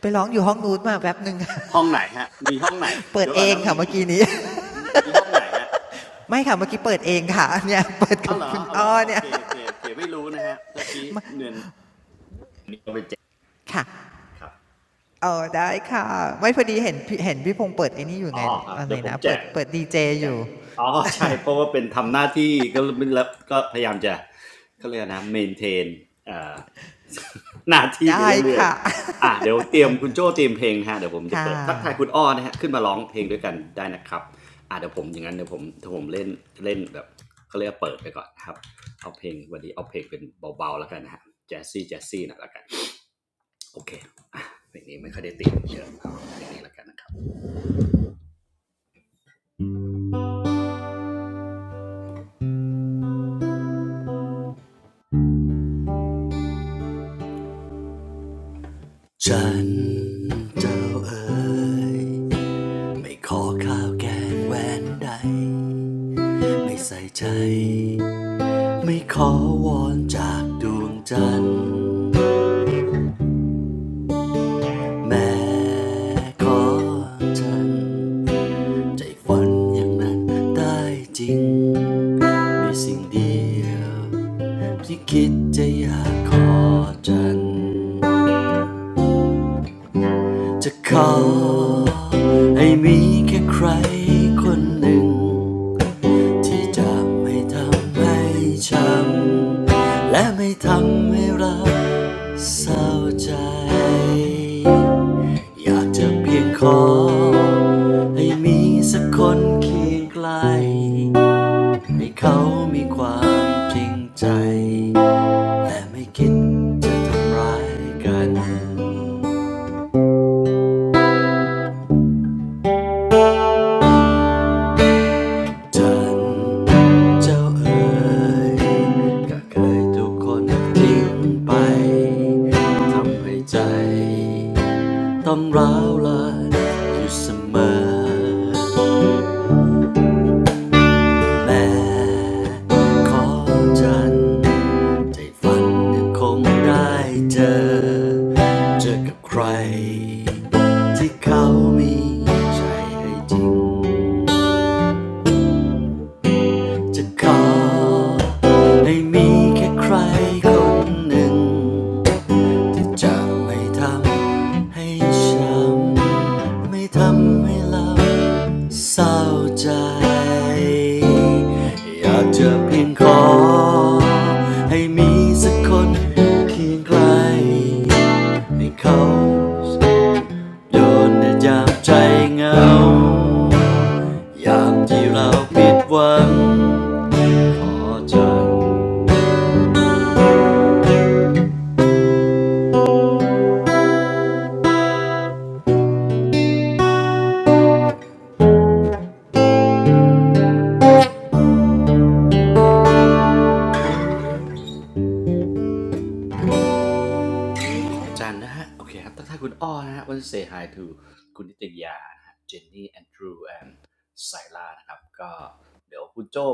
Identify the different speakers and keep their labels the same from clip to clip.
Speaker 1: ไปร้องอยู่ห้องนู้นมาแป๊บหนึ่ง เปิดเองค่ะเมื่อกี้นี้ ไม่ค่ะเมื่อกี้เปิดเองค่ะ เนี่ยเปิดกับคุณอ้อเนี่ยค่ะเออได้ค่ะไม่พอดีเห็นเห็นพี่พงษ์เปิดไอ้นี่อยู่ไงอะไรนะเปิดเปิดดีเจอยู่ได้ค่ะ โอเคค่ะ
Speaker 2: ฉันเจ้าเอ๋ยไม่ขอข้าวแกงแหวนใดไม่ใส่ใจไม่ขอวอนจากดวงจันทร์แม่ขอฉันใจฝันอย่างนั้นได้จริงมีสิ่งเดียวที่คิดจะอยากขอจันทร์จะขอให้มีแค่ใครคนหนึ่ง ที่จะไม่ทำให้ช้ำและไม่ทำให้เราเศร้าใจอยากจะเพียงขอให้มีสักคนเคียงไกลให้เขามีความจริงใจและไม่คิดจะทำร้ายกัน ฉันเจ้าเอ๋ยก็เคยถูกคนทิ้งไปทำให้ใจต้องร้าวลานอยู่เสมอแม่ขอฉันใจฝันยังคงได้เจอเจอกับใครที่เขามีใจให้จริง จะขอให้มีแค่ใครคนหนึ่งที่จะไม่ทำให้ช้ำไม่ทำให้เราเศร้าใจอยากจะเพียงขอให้มีสักคนเคียงใกลให้เขาโยนในยามใจเหงายามที่เราผิดหวังขอจาก จันนะฮะโอเคครับทักทายคุณอ้อนะฮะวันเซฮายทูคุณนิตยานะฮะเจนนี่แอนดรูแอนไซลานะครับก็เดี๋ยวคุณโจ้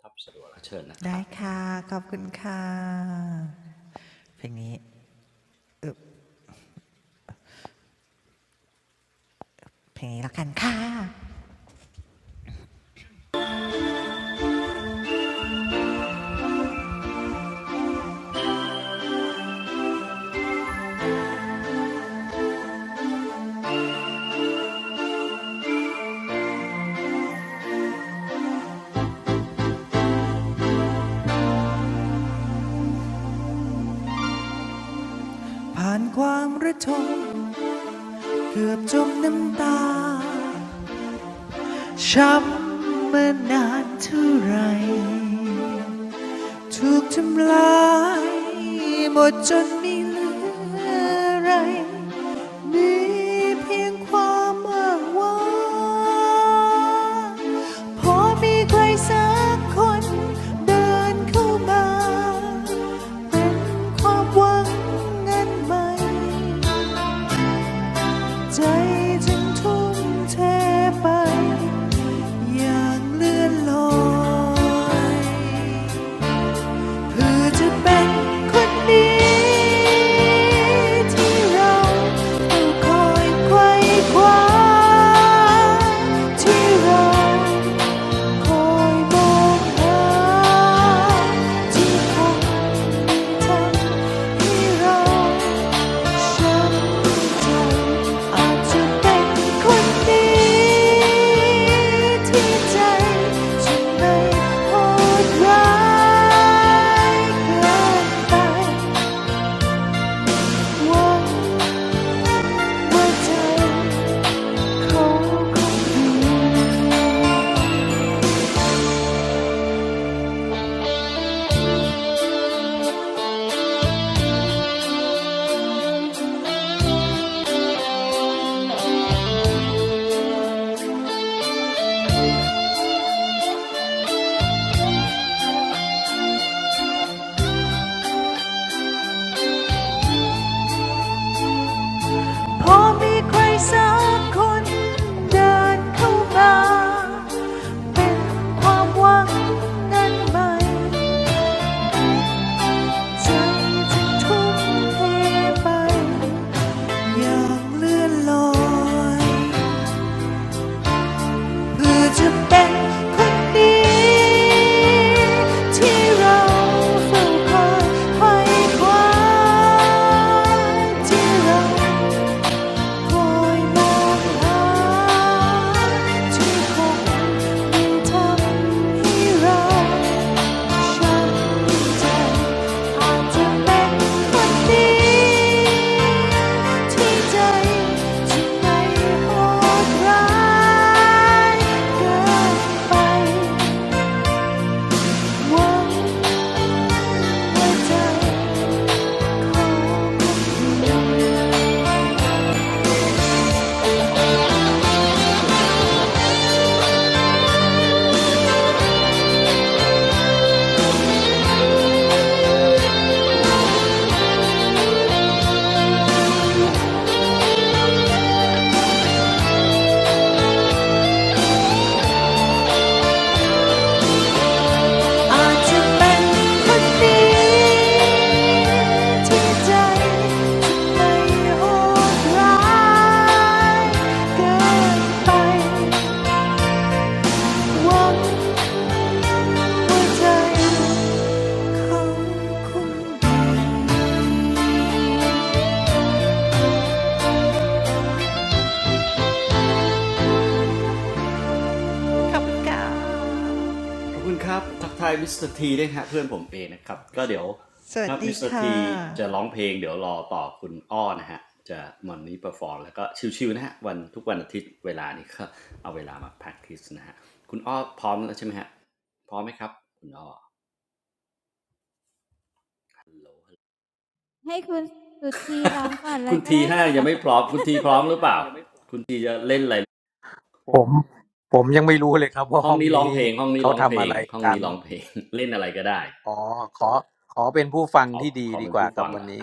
Speaker 2: ทับสะดวกแลเชิญนะค
Speaker 1: ได้
Speaker 2: รับ
Speaker 1: ค่ะขอบคุณค่ะเพลงนี้เออเพลงนี้ละกันค่ะผ่านความระทมเกือบจมน้ำตาช้ำมานานเท่าไหร ถูกทำลายหมดจนไมีเหลืออะไรมีเพียงความอ้างว้างพอมีใครสักคนเดินเข้ามาเป็นความหวังเงินใหม่ใจจึงทุ่มเทไปอย่างเลื่อนลอย เพื่อจะเป็นคนดีที่เราต้องคอยไขว่คว้าที่เราคอยมองหาที่คงทำให้เรา ฉันเธอาจจะเป็นคนดีที่ใจจันไม่โหดร้ายเกินไปวมื่อเธอพอมีใครสักคนเดินเข้ามาเป็นความหวังนั้นใหมใจจะทุ่มเทไปอย่างเลื่อนลอย 是将成可期，的，我们所怀，怀，怀，的。 คอยมองหาทุกคนยิ่งทำให้เราช้ำใจอาจจะเป็นคนดีที่ใจจะไม่โหดร้ายเกินไปหวังว่าใจคง อาจจะเป็นคนดีที่ใจไม่โหดร้ายเกินไปหวังว่าใจของคุณดีขอบคุณค่ะ
Speaker 2: ขอบคุณครับทักทายมิสเตอร์ทีด้วยฮะเพื่อนผมเองนะครับก็เดี๋ยว
Speaker 1: สวัส
Speaker 2: ถ้ามิ
Speaker 1: ดี
Speaker 2: สเตอร์
Speaker 1: ค่ะ
Speaker 2: ทีจะร้องเพลงเดี๋ยวรอต่อคุณอ้อนะฮะจะวันนี้เปอร์ฟอร์มแล้วก็ชิวๆนะฮะวันทุกวันอาทิตย์เวลานี้ก็เอาเวลามา practice นะฮะคุณอ้อพร้อมแล้วใช่ไหมฮะพร้อมไหมครับคุณอ้อ
Speaker 3: ผมผมยังไม่รู้เลยครับว่าห้องนี้เขาทำอะไรกัน. อ๋อขอขอเป็นผู้ฟังที่ดีดีกว่าครับวันนี้.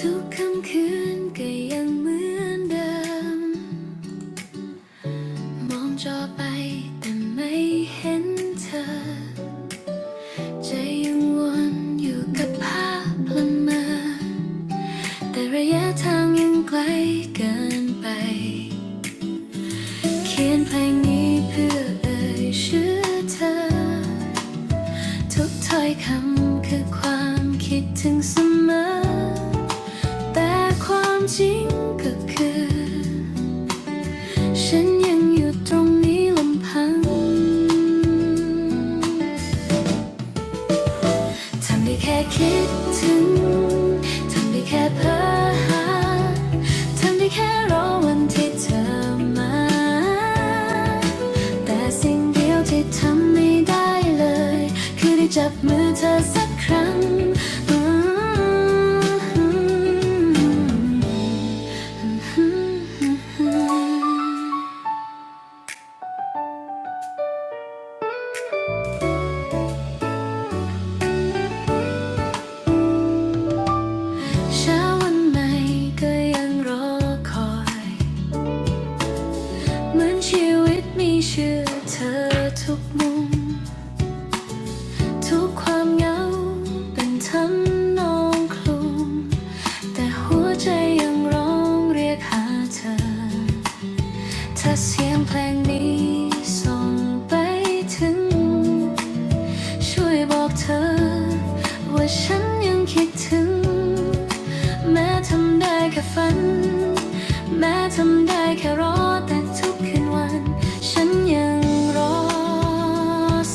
Speaker 2: ทุกค่ำคืนก็ยังเหมือนเดิม มองจอไปแต่ไม่เห็นเธอใจยังวนอยู่กับภาพละเมอแต่ระยะทางยังไกลเกินไป เขียนเพลงนี้เพื่อเอ่ยชื่อเธอ ทุกถ้อยคำคือความคิดถึงเสมอ แต่ความจริงก็คือ ฉันยังอยู่ตรงนี้ลำพัง ทำได้แค่คิดถึง ทำได้แค่เพ้อหา ทำได้แค่รอวันที่เธอมา แต่สิ่งเดียวที่ทำไม่ได้เลย คือได้จับมือเธอสักครั้งอืม เช้าวันใหม่ก็ยังรอคอย เหมือนชีวิตมีชื่อเธอทุกมุมทุกความเหงาเป็นทำนองคลุมแต่หัวใจยังร้องเรียกหาเธอ ถ้าเสียงเพลงนี้ส่งไปถึงช่วยบอกเธอว่าฉันยังคิดถึงแม้ทำได้แค่ฝันแม้ทำได้แค่รอแต่ทุกคืนวันฉันยังรอ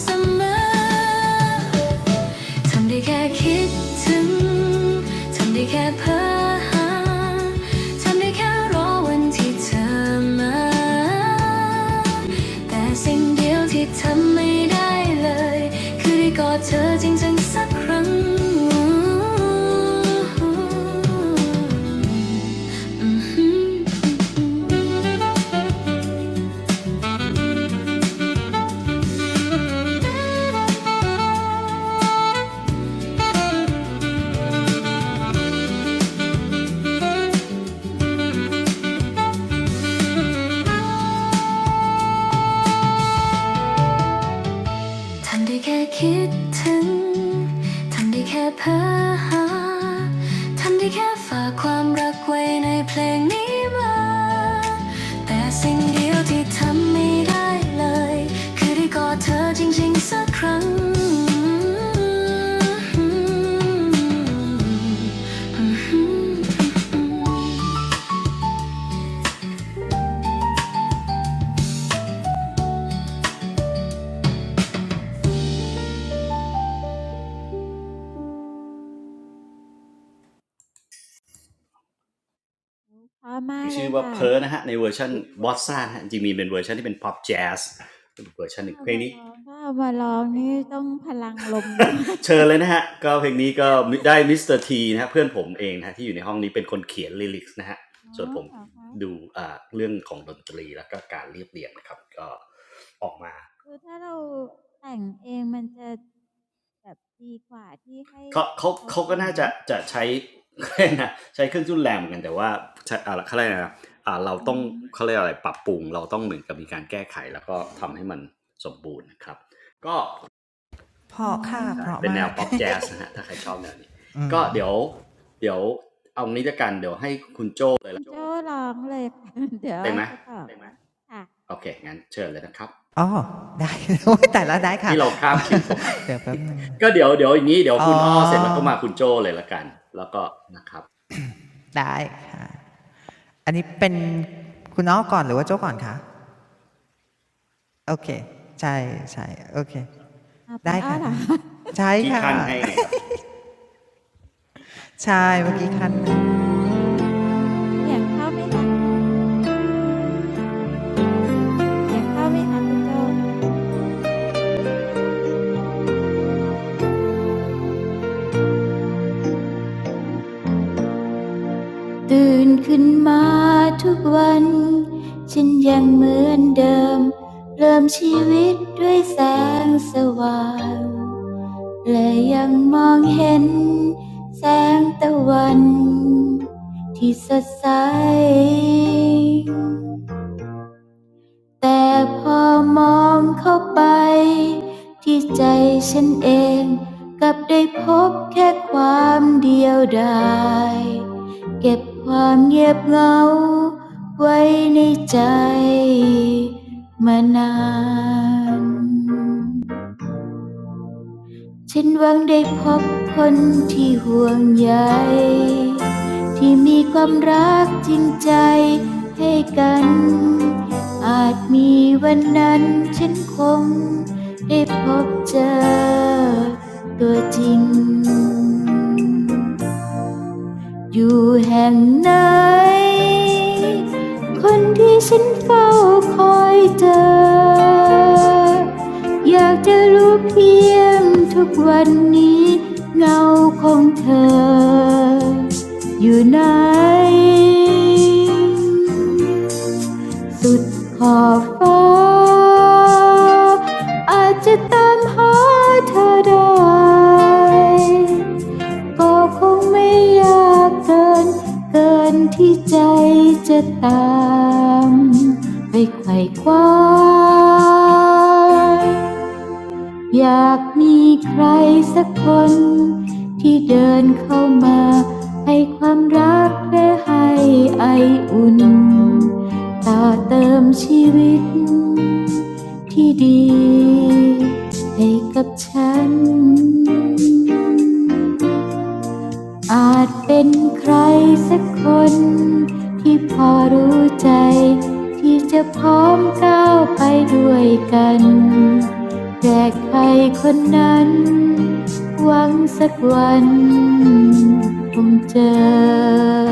Speaker 2: เสมอ ทำได้แค่คิดถึง ทำได้แค่เพ้อหาทำได้แค่รอวันที่เธอมา แต่สิ่งเดียวที่ทำไม่ได้เลย คือได้กอดเธอจริงๆสักครั้ง Mm-hmm. ทำได้แค่คิดถึง ทำได้แค่เพ้อหา ทำได้แค่ฝากความรักไว้ในเพลงนี้มา แต่สิ่งเดียวที่ทำไม่ได้เลย คือได้กอดเธอจริงๆสักครั้ง
Speaker 1: เพราะค่ะ เพราะมาก อ๋อ ได้้แต่ละได้ค่ะ เดี๋ยวแป๊บนึงอ๋อ ได้ค่ะ อันนี้เป็นคุณน้อก่อนหรือว่าโจ้ก่อนคะ โอเค ใช่ ใช่ โอเค ได้ค่ะ ได้ ใช่ค่ะ ใช่เมื่อกี้ขั้นนะ
Speaker 4: ตื่นขึ้นมาทุกวันฉันยังเหมือนเดิมเริ่มชีวิตด้วยแสงสว่างและยังมองเห็นแสงตะวันที่สดใส แต่พอมองเข้าไปที่ใจฉันเองกลับได้พบแค่ความเดียวดายเก็บความเงียบเหงาไว้ในใจมานาน ฉันหวังได้พบคนที่ห่วงใยที่มีความรักจริงใจให้กันอาจมีวันนั้นฉันคงได้พบเจอตัวจริง อยู่แห่งไหนคนที่ฉันเฝ้าคอยเจออยากจะรู้เพียงทุกวันนี้เงาของเธออยู่ไหนสุดขอบฟ้าอาจจะตามหาเธอได้ ก็คงไม่ยากเกินเกินที่ใจจะตามไปไขว่คว้าอยากมีใครสักคนที่เดินเข้ามาให้ความรักและให้ไออุ่นต่อเติมชีวิตที่ดีให้กับฉัน อาจเป็นใครสักคนที่พอรู้ใจที่จะพร้อมก้าวไปด้วยกันแต่ใครคนนั้นหวังสักวันคงเจอ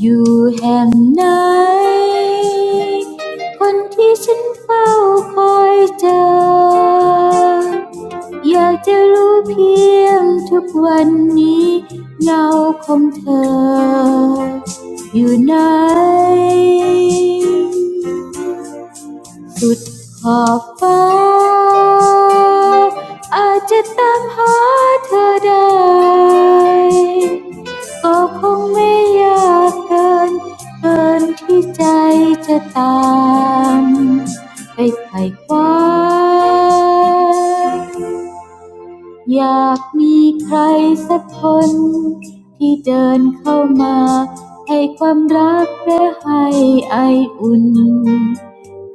Speaker 4: อยู่แห่งไหนคนที่ฉันเฝ้าคอยเจอ อยากจะรู้เพียงทุกวันนี้เงาของเธออยู่ไหนสุดขอบฟ้าอาจจะตามหาเธอได้ก็คงไม่ยากเกินเกินที่ใจจะตามไปไขวคว้า อยากมีใครสักคนที่เดินเข้ามาให้ความรักและให้ไออุ่น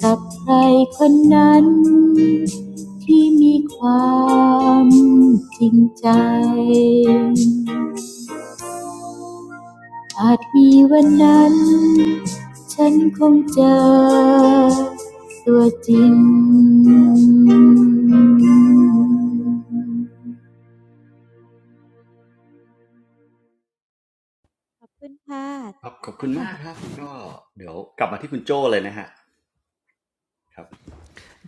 Speaker 4: กับใครคนนั้นที่มีความจริงใจอาจมีวันนั้นฉันคงเจอตัวจริง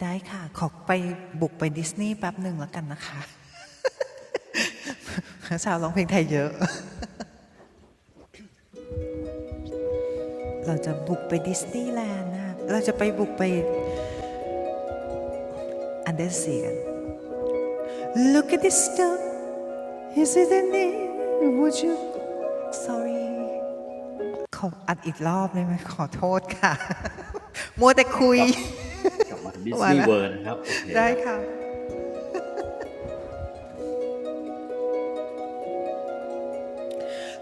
Speaker 1: ได้ค่ะ ขอไปบุกไปดิสนีย์แป๊บหนึ่งแล้วกันนะคะ สาวร้องเพลงไทยเยอะ เราจะบุกไปดิสนีย์แลนด์นะคะเราจะไปบุกไปอันเดอร์ซีกัน Look at this stuff is it in m e would you sorry ขออัดอีกรอบได้ไหม ขอโทษค่ะ มัวแต่คุย มาแล้ว ได้ค่ะ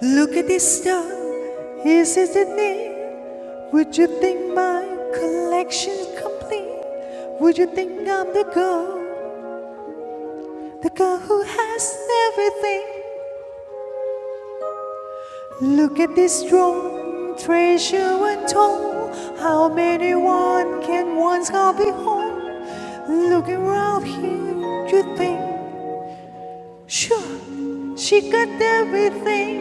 Speaker 1: Look at this stuff. This is it Would you think my collection's complete? Would you think I'm the girl, the girl who has everything? Look at this drawn treasure untold. How many one can once all behold? Look around here, you think, sure, she got everything.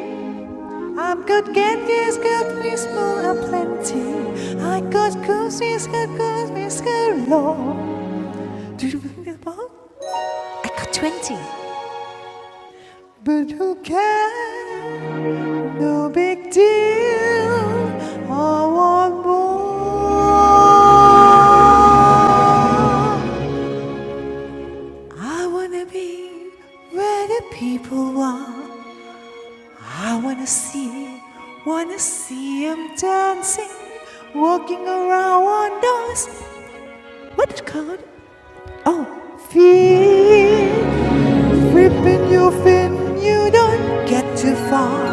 Speaker 1: I've got candies, got whistle a plenty. I got cozies, got cozies galore. Do you believe it, Bob? I got 20. But who cares? No big deal. I want more. I wanna be where the people are. I wanna see, wanna see 'em dancing, walking around on those What's it called? Oh, feet ripping your fin. You don't get too far.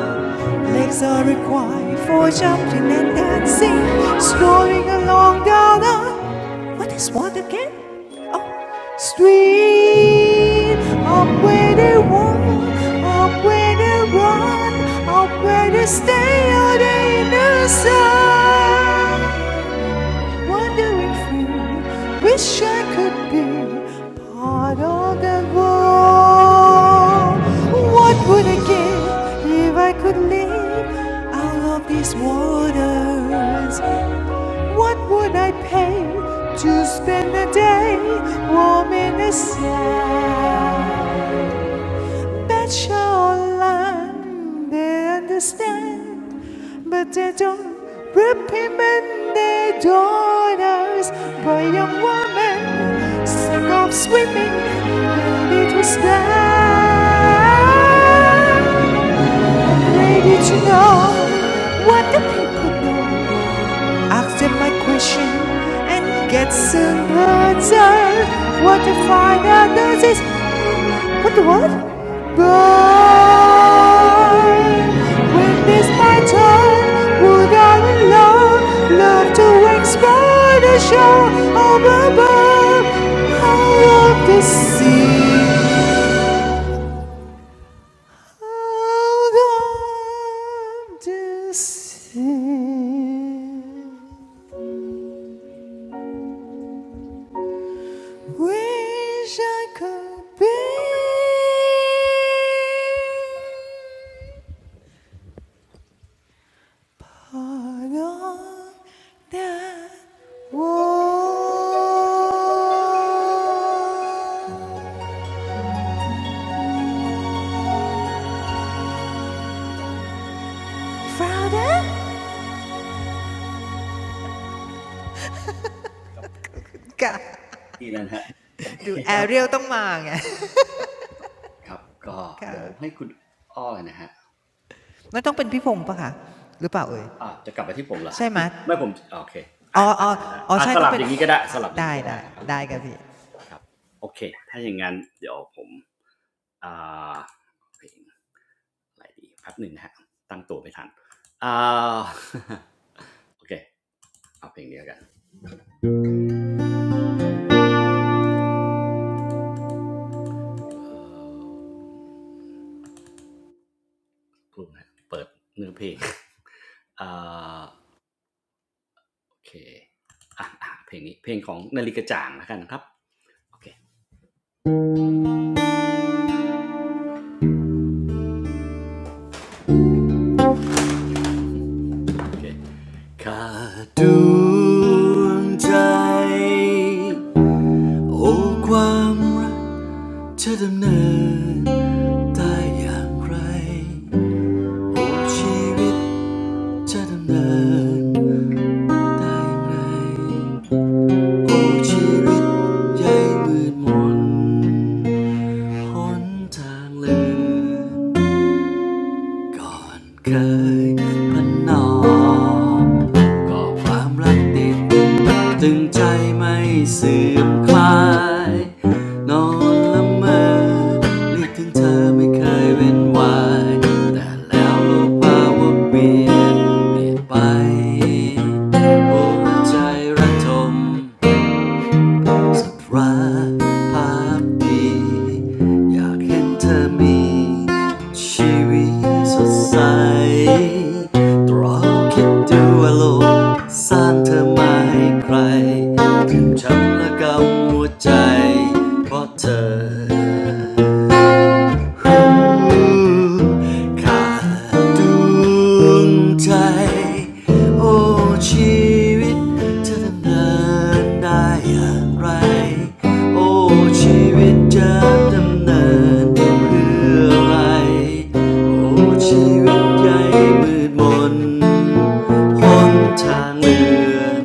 Speaker 1: Legs are required for jumping and dancing, strolling along down the. What is what again? Oh, street up where they walk, up where they run, up where they stay all day in the sun wandering free. Wish I could be part of that world. What would I give if I could live out of these waters? What would I pay to spend a day warm in the sand? Bet shoreline, they understand, but they don't reprimand their daughters. Boy, young woman, sing of swimming, ready to stand, ready to know what the people know. Ask them my question and get some answer. What the find out is what the what? Burns When is my turn? Would I love, love to explore the shore of above? I love the sea. I love the sea. Wish I could be. ฟราวเดอร์ค่ะดูแอเรียลต้องมาไง ค่ะมันต้องเป็นพี่พงษ์ปะคะ หรือเปล่าเอ่ยใช่ไหมอ๋ออ๋ออ๋อใช่ต้องเป็นอ่ะได้ได้ได้กับพี่
Speaker 2: ขาดดวงใจ โอ้ความรัก จะดำเนินได้อย่างไร โอ้ชีวิตจะดำเนินได้อย่างไร โอ้ชีวิตใหญ่มืดมนหนทางเลือนก่อนเคยพนอมก็ความรักติด ตึงใจไม่เสื่อมคลาย นอนละเมอนึกถึงเธอไม่เคยเว้นวาย แต่แล้วโลกพาวกเปลี่ยน เปลี่ยนไปหัวใจระทม สุดรักพักดีอยากเห็นเธอมีชีวิตสดใส ตรองคิดดูว่าโลกสร้างเธอมาให้ใครถึงช้ำและกำหัวใจเพราะเธอ ขาดดวงใจ โอ้ชีวิตจะดำเนินได้อย่างไร โอ้ชีวิตจะดำเนินเพื่ออะไร โอ้ชีวิตใหญ่มืดมนหนทางเลือน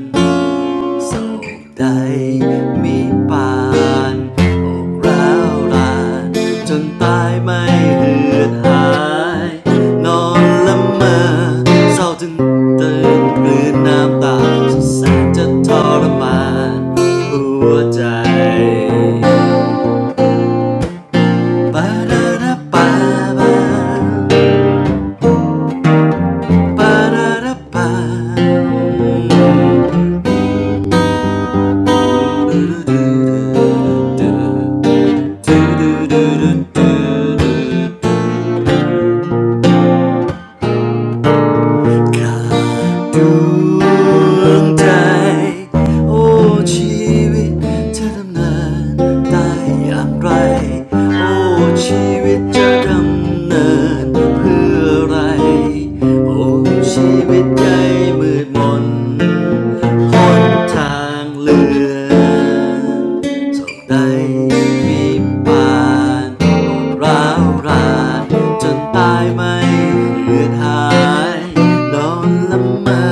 Speaker 2: ส้าใดมีปานออกร้าวราน จนตายไม่เหือดหาย นอนละเมอเศร้าจนตื่นกลืนน้ำตาแสนจะทรมานหัวใจปาราราปาปาปาราราปา ดูดูดูดูดูดขาดดวงใจ โอ้ชีวิตจะดำเนินได้อย่างไรโอ้ชีวิตจะดำเนินเพื่ออะไรโอ้ชีวิตใจมืดมนหนทางเลือน จงได้มีปานร้าวรานจนตายไม่เลือนหายนอนละเมอ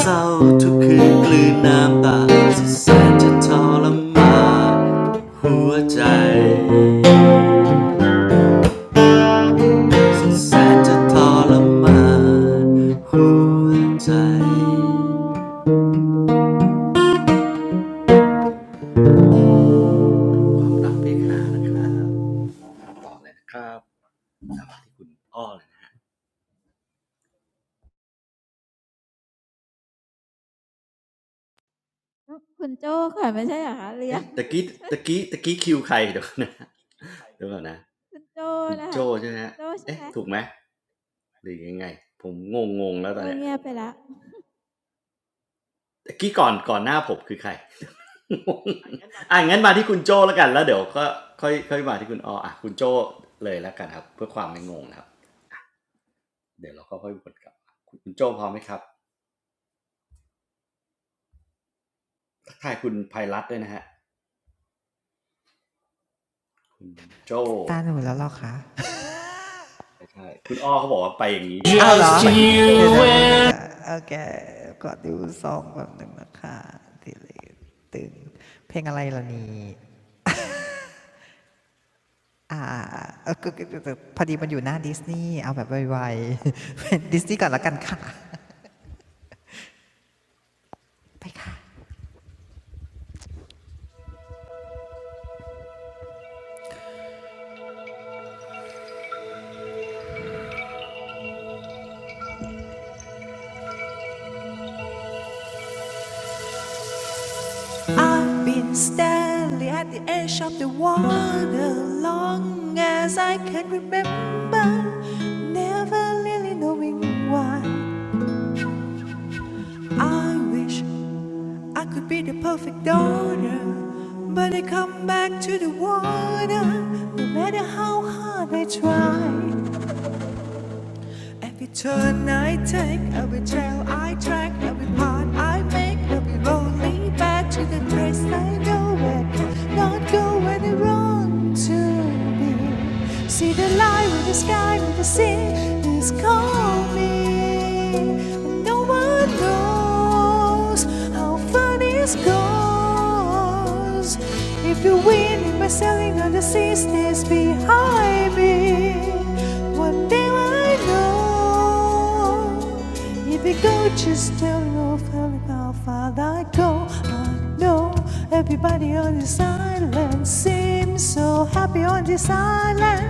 Speaker 2: เศร้าทุกคืนกลืนน้ำตาสุดแสนจะทรมานหัวใจสุดแสนจะทรมานหัวใจ
Speaker 1: ตาหนูแล้วเหรอคะอ้าวเหรอเโอเคกดดูซองแบบหนึ่งนะคะทีเลยตึงเพลงอะไรล่ะนี่ อ่าเออก็ก็ก็พอดีมันอยู่หน้าดิสนีย์เอาแบบไวๆ เป็นดิสนีย์ก่อนแล้วกันค่ะไปค่ะ I've been standing at the edge of the water long as I can remember, never really knowing why. I wish I could be the perfect daughter, but I come back to the water no matter how hard I try. Every turn I take, every trail I track, every part I make, every road lead back to the place I know where I cannot go where they want to be. See the light with the sky with the sea is calling. and No one knows knows how far this goes. If you win it by selling on the sea, stays behind me. One day when I know, if you go, just tell your family how far I go. I know everybody on this island seems so happy on this island.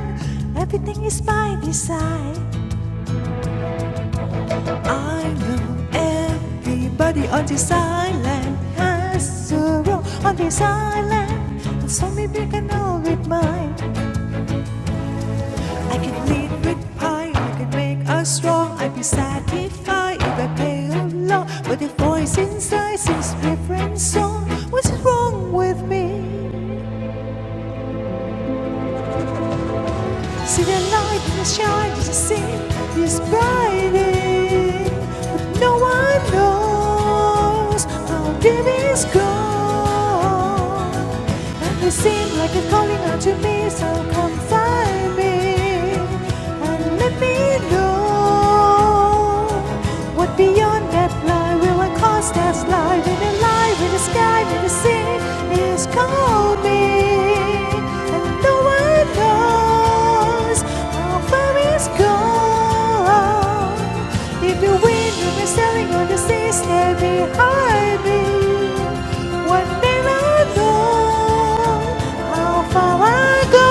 Speaker 1: Everything is by design. I know everybody on this island has a role on this island. And so maybe I can all with mine. I can lead with pride, I can make us strong. I'd be satisfied if I play along. But the voice inside sings different song. What's wrong with me? See the light in the shine, you see it's blinding, but no one knows how deep it's gone. And it seems like it's calling out to me, so come find me and let me know. What beyond that lie will I cause that's light in the light in the sky in the sea is calling me, and no one knows how far it's gone If the wind will be sailing on the sea stay behind me One day I will know how far I go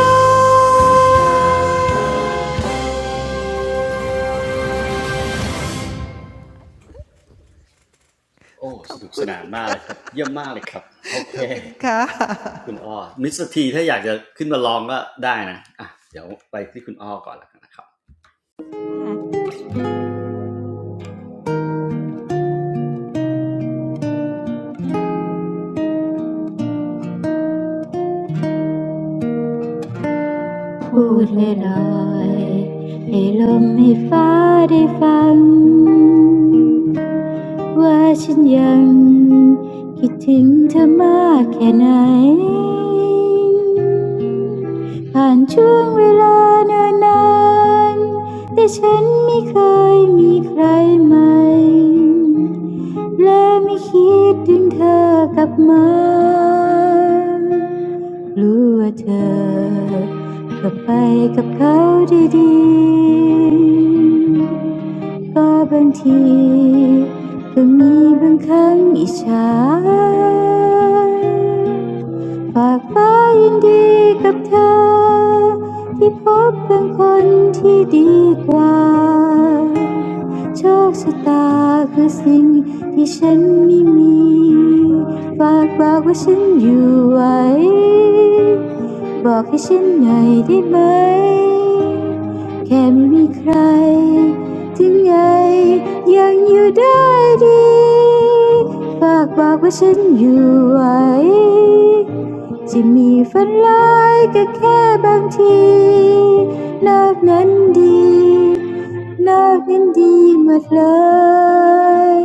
Speaker 1: ขอบคุณค่ะ ขอบคุณค่ะ
Speaker 4: พูดลอยลอยๆให้ลมให้ฟ้าได้ฟังว่าฉันยังคิดถึงเธอมากแค่ไหนผ่านช่วงเวลานานนานแต่ฉันไม่เคยมีใครใหม่ และไม่คิดถึงเธอกลับมารู้ว่าเธอกลับไปกับเขาดีๆก็บางทีก็มีบางครั้งอิจฉาฝากฟ้ายินดีกับเธอที่พบเป็นคนที่ดีกว่า โชคชะตาคือสิ่งที่ฉันไม่มีฝากบอกว่าฉันอยู่ไหวบอกให้ฉันหน่อยได้ไหมแค่ไม่มีใครถึงไงยังอยู่ได้ดีฝากบอกว่าฉันอยู่ไหวจะมีฝันร้ายก็แค่บางทีนอกนั้นดี หน้าเห็นดีหมดเลย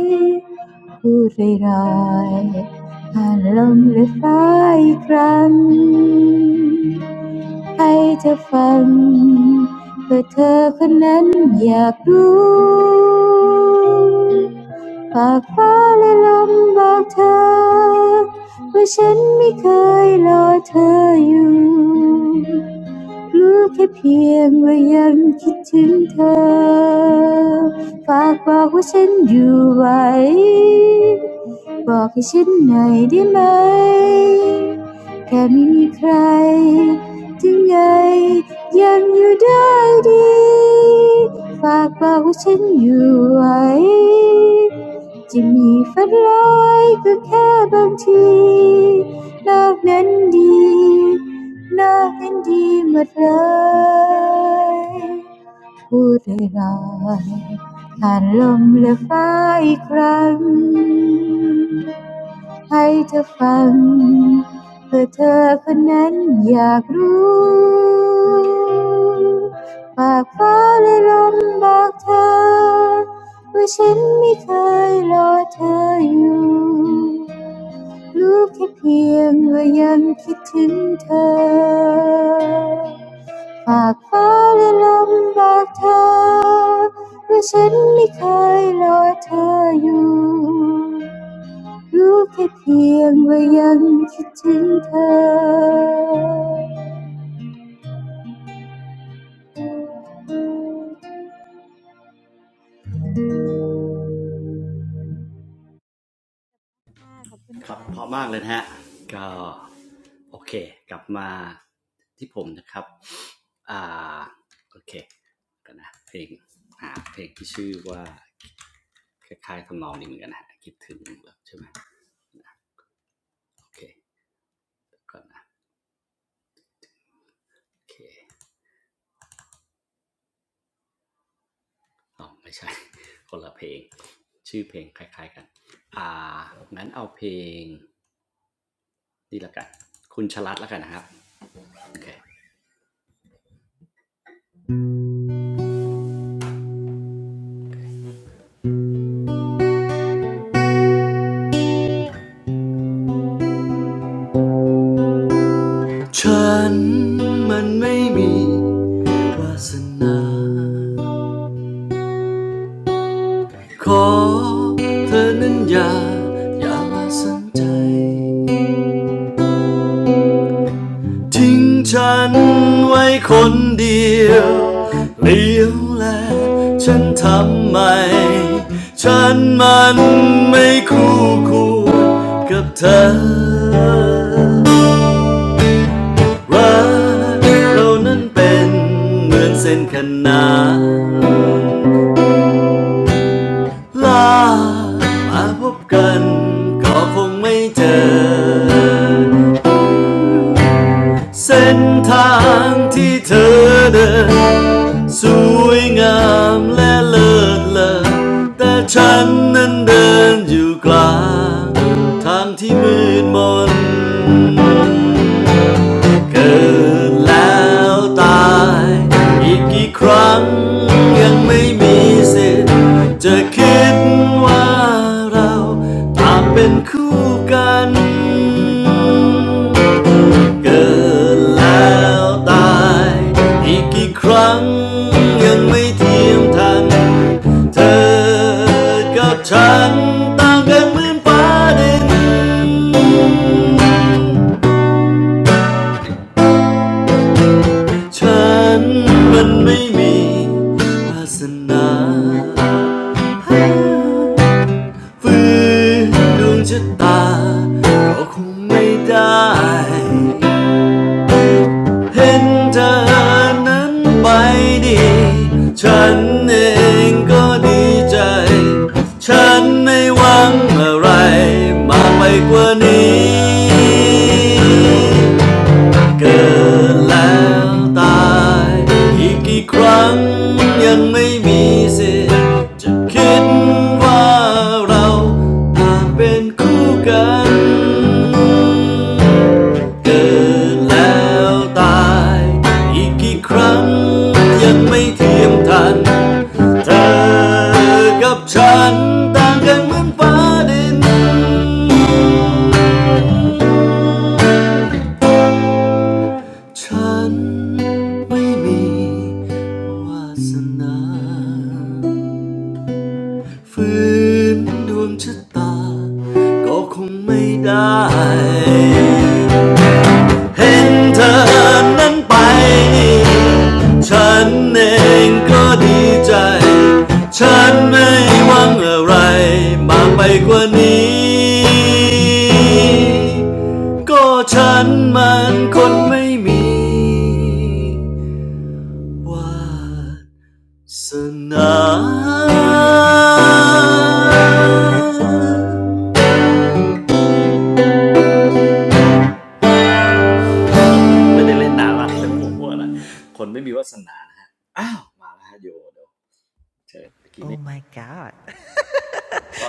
Speaker 4: พูดรอยๆผ่านลมหรือฟ้าอีกครั้งให้เธอฟังเพื่อเธอคนนั้นอยากรู้ฝากฟ้าและลมบอกเธอว่าฉันไม่เคยรอเธออยู่ รู้แค่เพียงว่ายังคิดถึงเธอฝากบอกว่าฉันอยู่ไหวบอกให้ฉันหน่อยได้ไหมแค่ไม่มีใครถึงไงยังอยู่ได้ดีฝากบอกว่าฉันอยู่ไหวจะมีฝันร้ายก็แค่บางทีนอกนั้นดี น่าเห็นดีเมื่อไรพูดลอยๆผ่านลมและฟ้าอีกครั้งให้เธอฟัง เพื่อเธอคนนั้นอยากรู้ปากฟ้าและลมบอกเธอว่าฉันไม่เคยรอเธออยู่ รู้แค่เพียงว่ายังคิดถึงเธอฝากฟ้าและลมบอกเธอว่าฉันไม่เคยรอเธออยู่ รู้แค่เพียงว่ายังคิดถึงเธอ
Speaker 2: ฉันมันไม่มีวาสนา ขอเธอนั้นอย่าอย่ามาสนใจทิ้งฉันไว้คนเดียวเลี้ยวแลฉันทำไมฉันมันไม่คู่ควรกับเธอว่าเรานั้นเป็นเหมือนเส้นขนาน ลามาพบกันก็คงไม่เจอเส้นทางที่เธอก็คงไม่ได้เห็นเธอนั้นไปดีฉันเองก็ดีใจฉันไม่หวังอะไรมากไปกว่านี้ เกิดแล้วตาย อีกกี่ครั้งยังไม่มีสิทธิ์จะคิดว่าเราอาจเป็นคู่กัน เกิดแล้วตาย อีกกี่ครั้งยังไม่เทียมทัน เธอกับฉันต่างกันเหมือนฟ้าดิน ฉันไม่มีวาสนาฝืนดวงชะตาก็คงไม่ได้เห็นเธอนั้นไปฉันเองก็ดีใจฉันไม่หวังอะไรมากไปกว่านี้ก็ฉันมันคนไม่มีวา
Speaker 1: Oh my god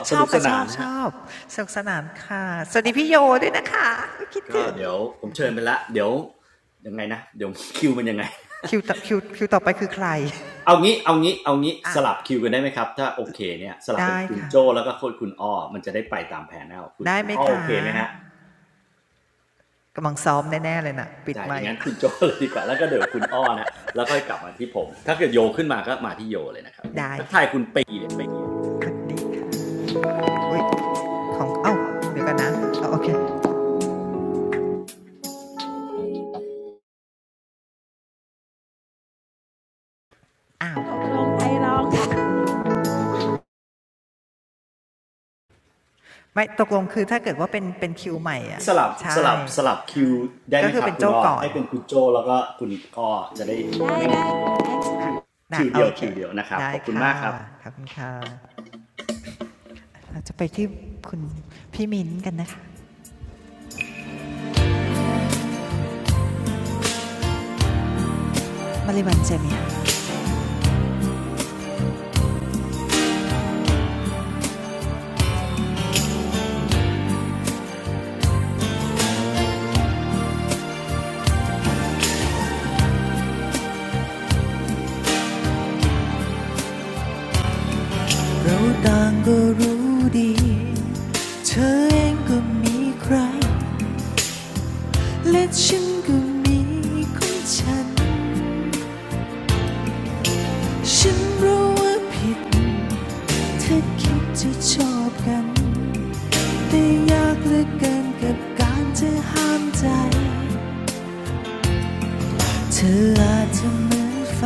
Speaker 1: ชอบค่ะชอบชอบสนุกสนานค่ะสวัสดีพี่โยด้วยนะคะคิดถึงคิวต่อคิวคิวต่อไปคือใครได้ค่ะได้ไหมคะกำลังซ้อมแน่ๆเลยนะปิดไม่ได้ค่ะสวัสดีค่ะอุ้ยของเอ้าเดี๋ยวกันนะเอาโอเคอ้าวไม่ตกลงคือถ้าเกิดว่าเป็นเป็นคิวใหม่อ่ะใช่ก็คือเป็นโจ้ก่อนนะโอเคได้ค่ะขอบคุณค่ะ เราจะไปที่คุณพี่มิ้นกันนะคะมาริวันเจมิฮาเราต่างก็รู้ดีเธอเองก็มีใครและฉันก็มีของฉันฉันรู้ว่าผิดเธอคิดจะชอบกันแต่ยากเหลือเกินกับการจะห้ามใจเธออาจจะเหมือนไฟ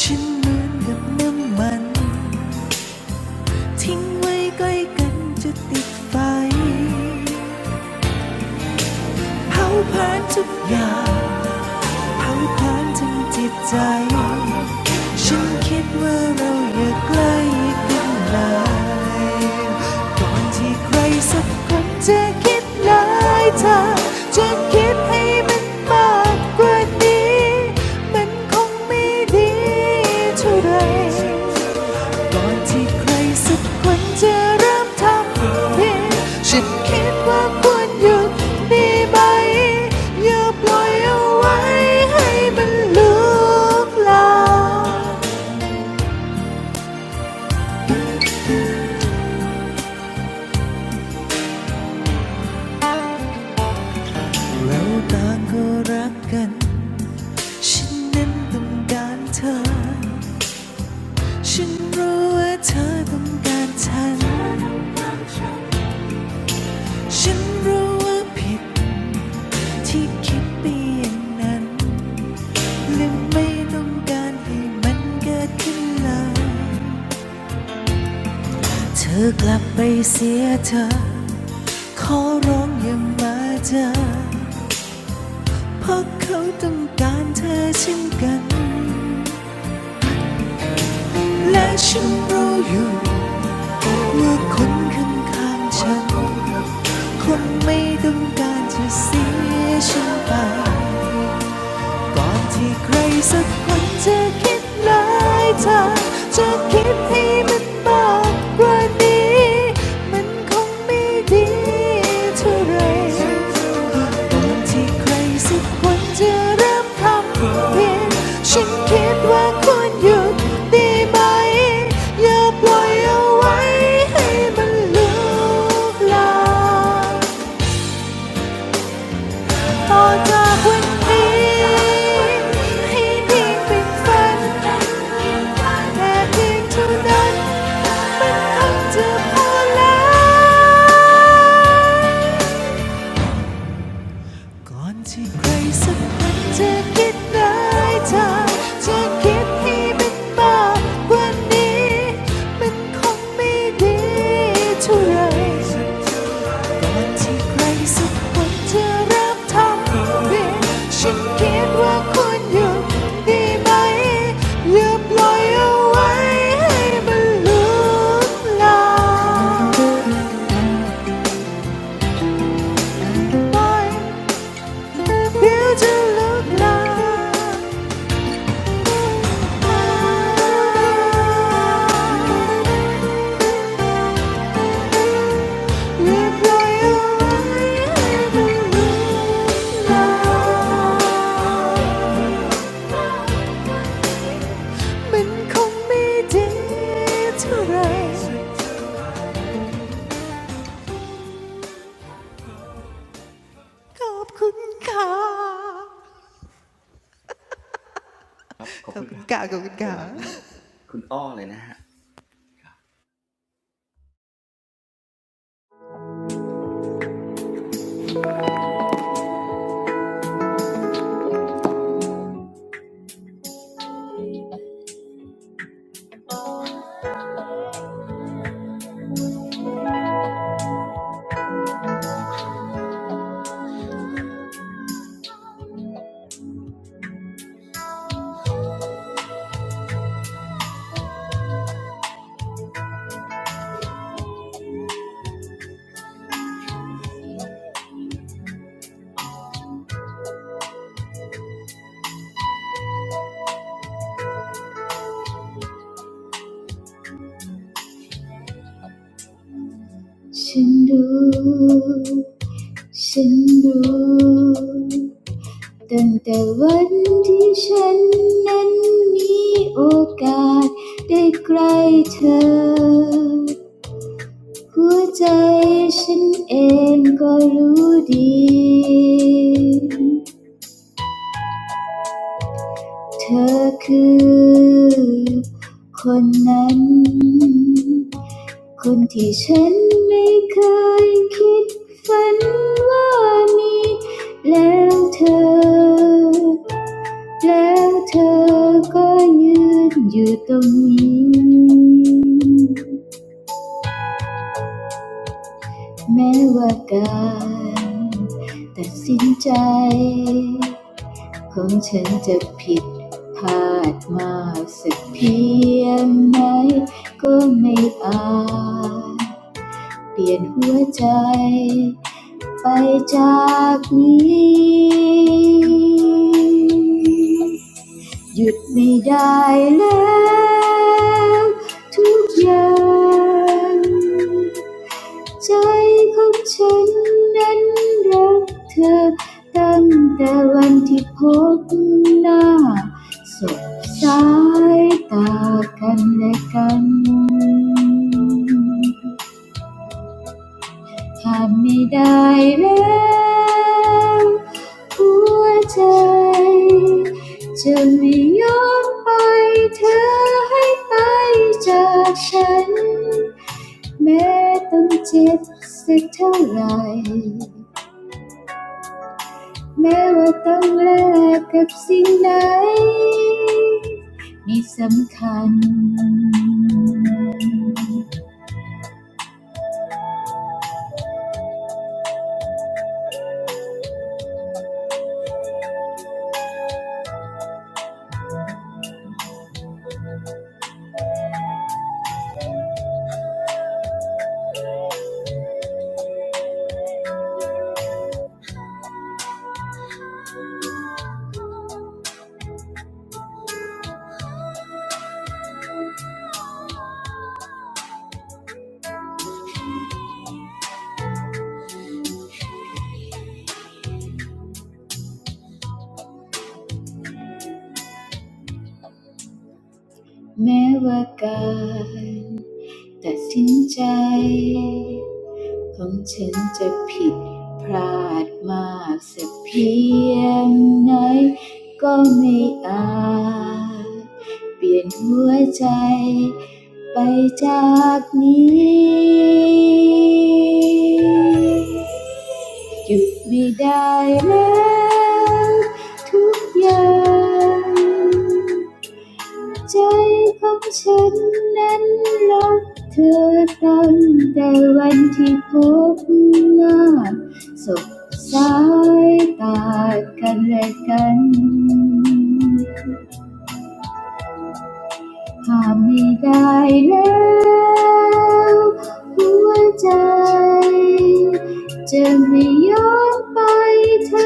Speaker 1: ฉันเหมือนกับน้ำมันทิ้งไว้ใกล้กันจะติดไฟ เผาผลาญทุกอย่างเผาผลาญทั้งจิตใจ ฉันคิดว่าเราอย่าใกล้กันเลยก่อนที่ใครสักคนจะคิดหลายทางจะคิดให้มันมากกว่านี้ มันคงไม่ดีเท่าไร ก่อนที่ใครสักคนจะเริ่มทำผิดฉันคิดว่าควรหยุดดีไหมอย่าปล่อยเอาไว้ให้มันลุกลามแล้วต่างก็รักกันฉันนั้นต้องการเธอฉันรู้ว่าเธอต้องการฉันฉันรู้ว่าผิดที่คิดไปอย่างนั้น และไม่ต้องการให้มันเกิดขึ้นเลยเธอกลับไปเสียเธอขอร้องอย่ามาเจอ เพราะเขาต้องการเธอเช่นกัน และฉันรู้อยู่ว่าคนข้างๆฉันคนไม่ต้องการจะเสียฉันไป ก่อนที่ใครสักคนจะคิดหลายทางจะคิดให้มันมากกว่านี้ มันคงไม่ดีเท่าไรก่อนที่ใครสักคนจะเริ่มทำเพียงฉันคิดว่าควรหยุดดีไหม อย่าปล่อยเอาไว้ให้มันลุกลาม ต่อจากวันนี้ให้เพียงเป็นฝันแค่เพียงเท่านั้นมันคงจะพอแล้วก่อนที่ใครสักคนจะคิดร้ายเธอจะคิดให้มันมากกว่านี้มันคงไม่ดีเท่าไหร ก่อนที่ใครสักคนจะรับทำเพียงฉันคิดว่าคุณอยู่ดีไหมอย่าลอยเอาไว้ให้มันลุกลามไปเดี๋ยวจะลุกลามอย่าลอยเอาไว้ให้มันลุกลาม มันคงไม่ดีเท่าไรขอบคุณค่ะขอบคุณค่ะขอบคุณค่ะ
Speaker 4: ฉันรู้ฉันรู้ ตั้งแต่วันที่ฉันนั้นมีโอกาสได้ใกล้เธอ หัวใจฉันเองก็รู้ดี เธอคือคนนั้น คนที่ฉันไม่เคยคิดฝันว่ามีแล้วเธอ แล้วเธอก็ยืนอยู่ตรงนี้แม้ว่าการตัดสินใจของฉันจะผิดพลาดมาสักเพียงไหนก็ไม่อาจเปลี่ยนหัวใจไปจากนี้ หยุดไม่ได้แล้วทุกอย่างใจของฉันนั้นรักเธอตั้งแต่วันที่พบหน้าสบสายตากันและกัน ทำไม่ได้แล้วหัวใจจะไม่ย้อนไปเธอให้ไปจากฉันแม้ต้องเจ็บสักเท่าไหร่แม้ว่าต้องแลกกับสิ่งใดนไม่สำคัญแม้ว่าการตัดสินใจ ของฉันจะผิดพลาดมากสักเพียงไหนก็ไม่อาจเปลี่ยนหัวใจไปจากนี้หยุดไม่ได้แล้วทุกอย่าง ใจของฉันนั้นรักเธอตั้งแต่วันที่พบหน้าสบสายตากันและกันห้ามไม่ได้แล้วหัวใจจะไม่ย้อนไปเธอ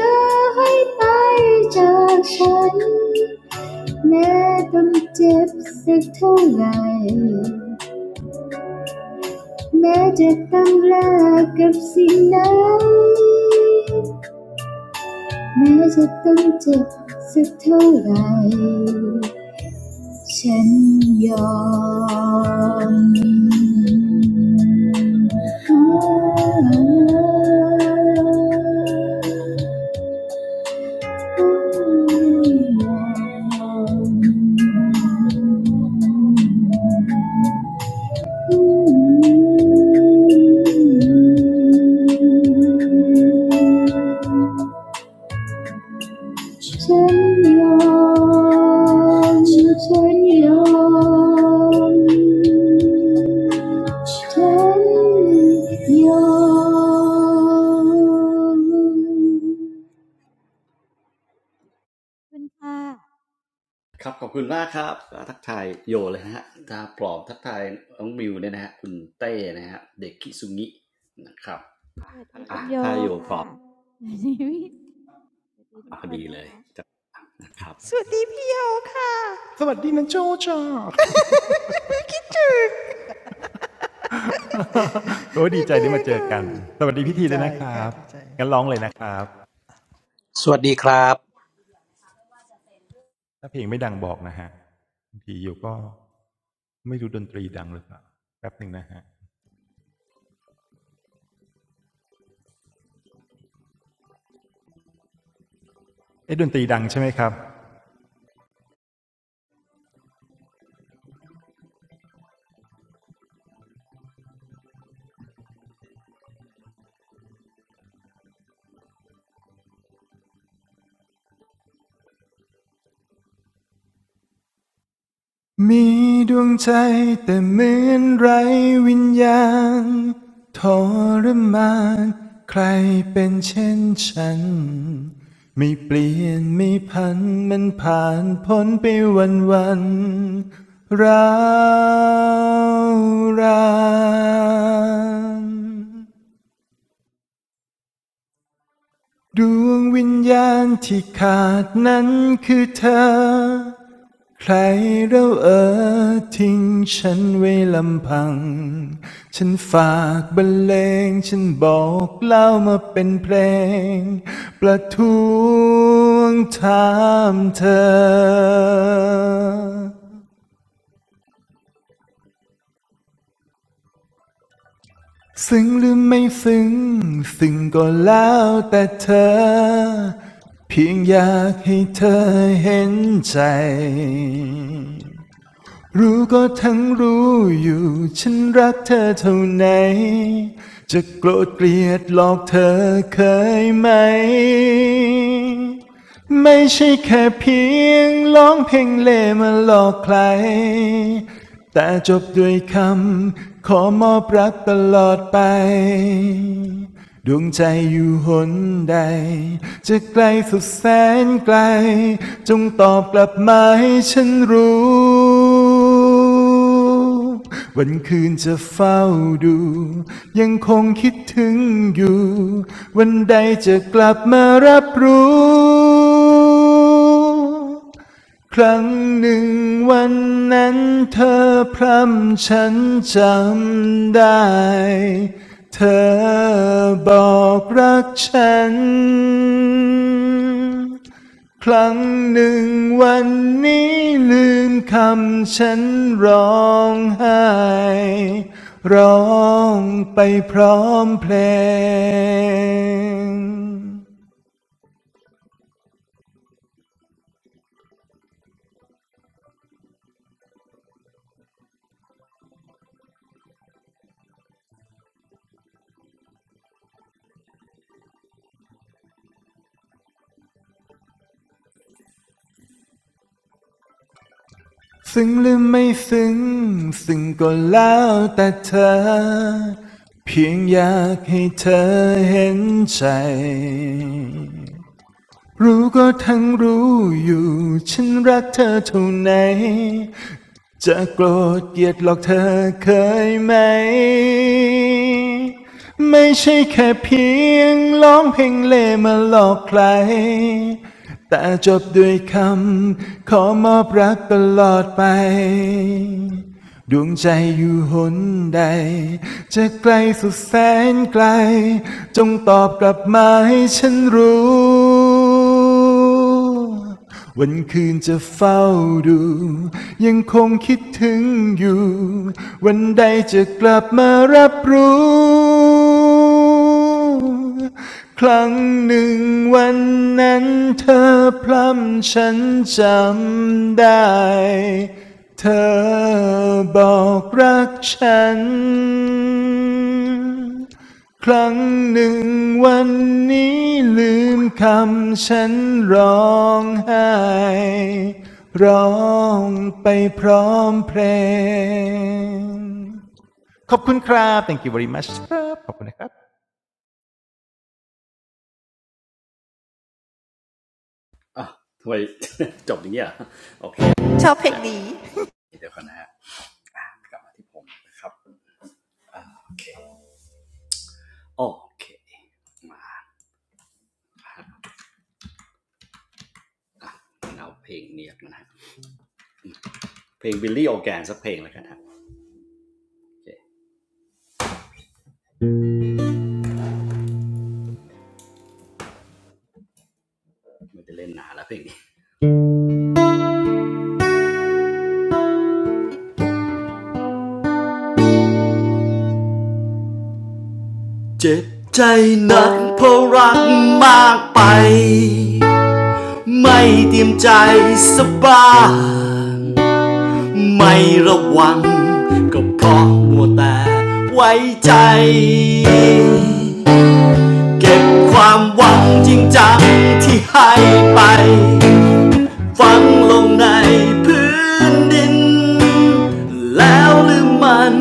Speaker 4: ให้ไปจากฉันแม้ต้องเจ็บสักเท่าไหร่ แม้จะต้องรลกกับสิ่งไหนแม้จะต้องเจ็บสักเท่าไหร่ฉันยอม Chen yon, Chen yon, Chen yon.
Speaker 5: ค
Speaker 1: ส
Speaker 5: รับ
Speaker 1: วัสดีพี่โยค่ะ
Speaker 5: สวัสดีนะโจจ้า
Speaker 1: คิดถึง
Speaker 5: โอ้
Speaker 1: โอ
Speaker 5: ดีใจ
Speaker 1: เค
Speaker 5: ได้มาเจอ
Speaker 1: ค่ะ
Speaker 5: กันสวัสดี
Speaker 1: ดี
Speaker 5: พี่ที
Speaker 1: ใจ
Speaker 5: ด้วยนะครั
Speaker 1: แค่
Speaker 5: บ
Speaker 1: ดีใจ
Speaker 5: งั้นร้องเลยนะครับ
Speaker 3: สวัสดีครับ
Speaker 5: ถ้าเพลงไม่ดังบอกนะฮะบางทีอยู่ก็ไม่รู้ดนตรีดังหรือเปล่าแป๊บหนึ่งนะฮะเอ๊ะดนตรีดังใช่ไหมครับ มีดวงใจแต่เหมือนไร้วิญญาณทรมานใครเป็นเช่นฉันไม่เปลี่ยนไม่พันมันผ่านพ้นไปวันวันราวราน ดวงวิญญาณที่ขาดนั้นคือเธอ ใครเราเออทิ้งฉันไว้ลำพัง ฉันฝากบรรเลงฉันบอกเล่ามาเป็นเพลงประท้วงถามเธอ ซึ้งหรือไม่ซึ้งซึ้งก็แล้วแต่เธอเพียงอยากให้เธอเห็นใจ รู้ก็ทั้งรู้อยู่ฉันรักเธอเท่าไหนจะโกรธเกลียดหลอกเธอเคยไหมไม่ใช่แค่เพียงร้องเพลงเล่มาหลอกใครแต่จบด้วยคำขอมอบรักตลอดไป ดวงใจอยู่หนใดจะไกลสุดแสนไกลจงตอบกลับมาให้ฉันรู้วันคืนจะเฝ้าดูยังคงคิดถึงอยู่วันใดจะกลับมารับรู้ ครั้งหนึ่งวันนั้นเธอพร่ำฉันจำได้เธอบอกรักฉันครั้งหนึ่งวันนี้ลืมคำฉันร้องไห้ร้องไปพร้อมเพลง ซึ้งหรือไม่ซึ้งซึ้งก็แล้วแต่เธอเพียงอยากให้เธอเห็นใจรู้ก็ทั้งรู้อยู่ฉันรักเธอเท่าไหน จะโกรธเกลียดหรอกเธอเคยไหมไม่ใช่แค่เพียงร้องเพลงเล่มาหลอกใครแต่จบด้วยคำขอมอบรักตลอดไปดวงใจอยู่หนใดจะไกลสุดแสนไกลจงตอบกลับมาให้ฉันรู้ วันคืนจะเฝ้าดูยังคงคิดถึงอยู่วันใดจะกลับมารับรู้ครั้งหนึ่งวันนั้นเธอพร่ำฉันจำได้เธอบอกรักฉัน ครั้งหนึ่งวันนี้ลืมคำฉันร้องไห้ร้องไปพร้อมเพลงขอบคุณครับ thank you very much ครับขอบคุณนะครับ
Speaker 1: ชอบเพลงนี้
Speaker 2: เจ็บใจนักเพราะรักมากไปไม่เตรียมใจสกบางไม่ระวังก็เพราะมัวแต่ไว้ใจเก็บความหวังจริงจังที่ให้ไป ฝังลงในพื้นดินแล้วลืมมัน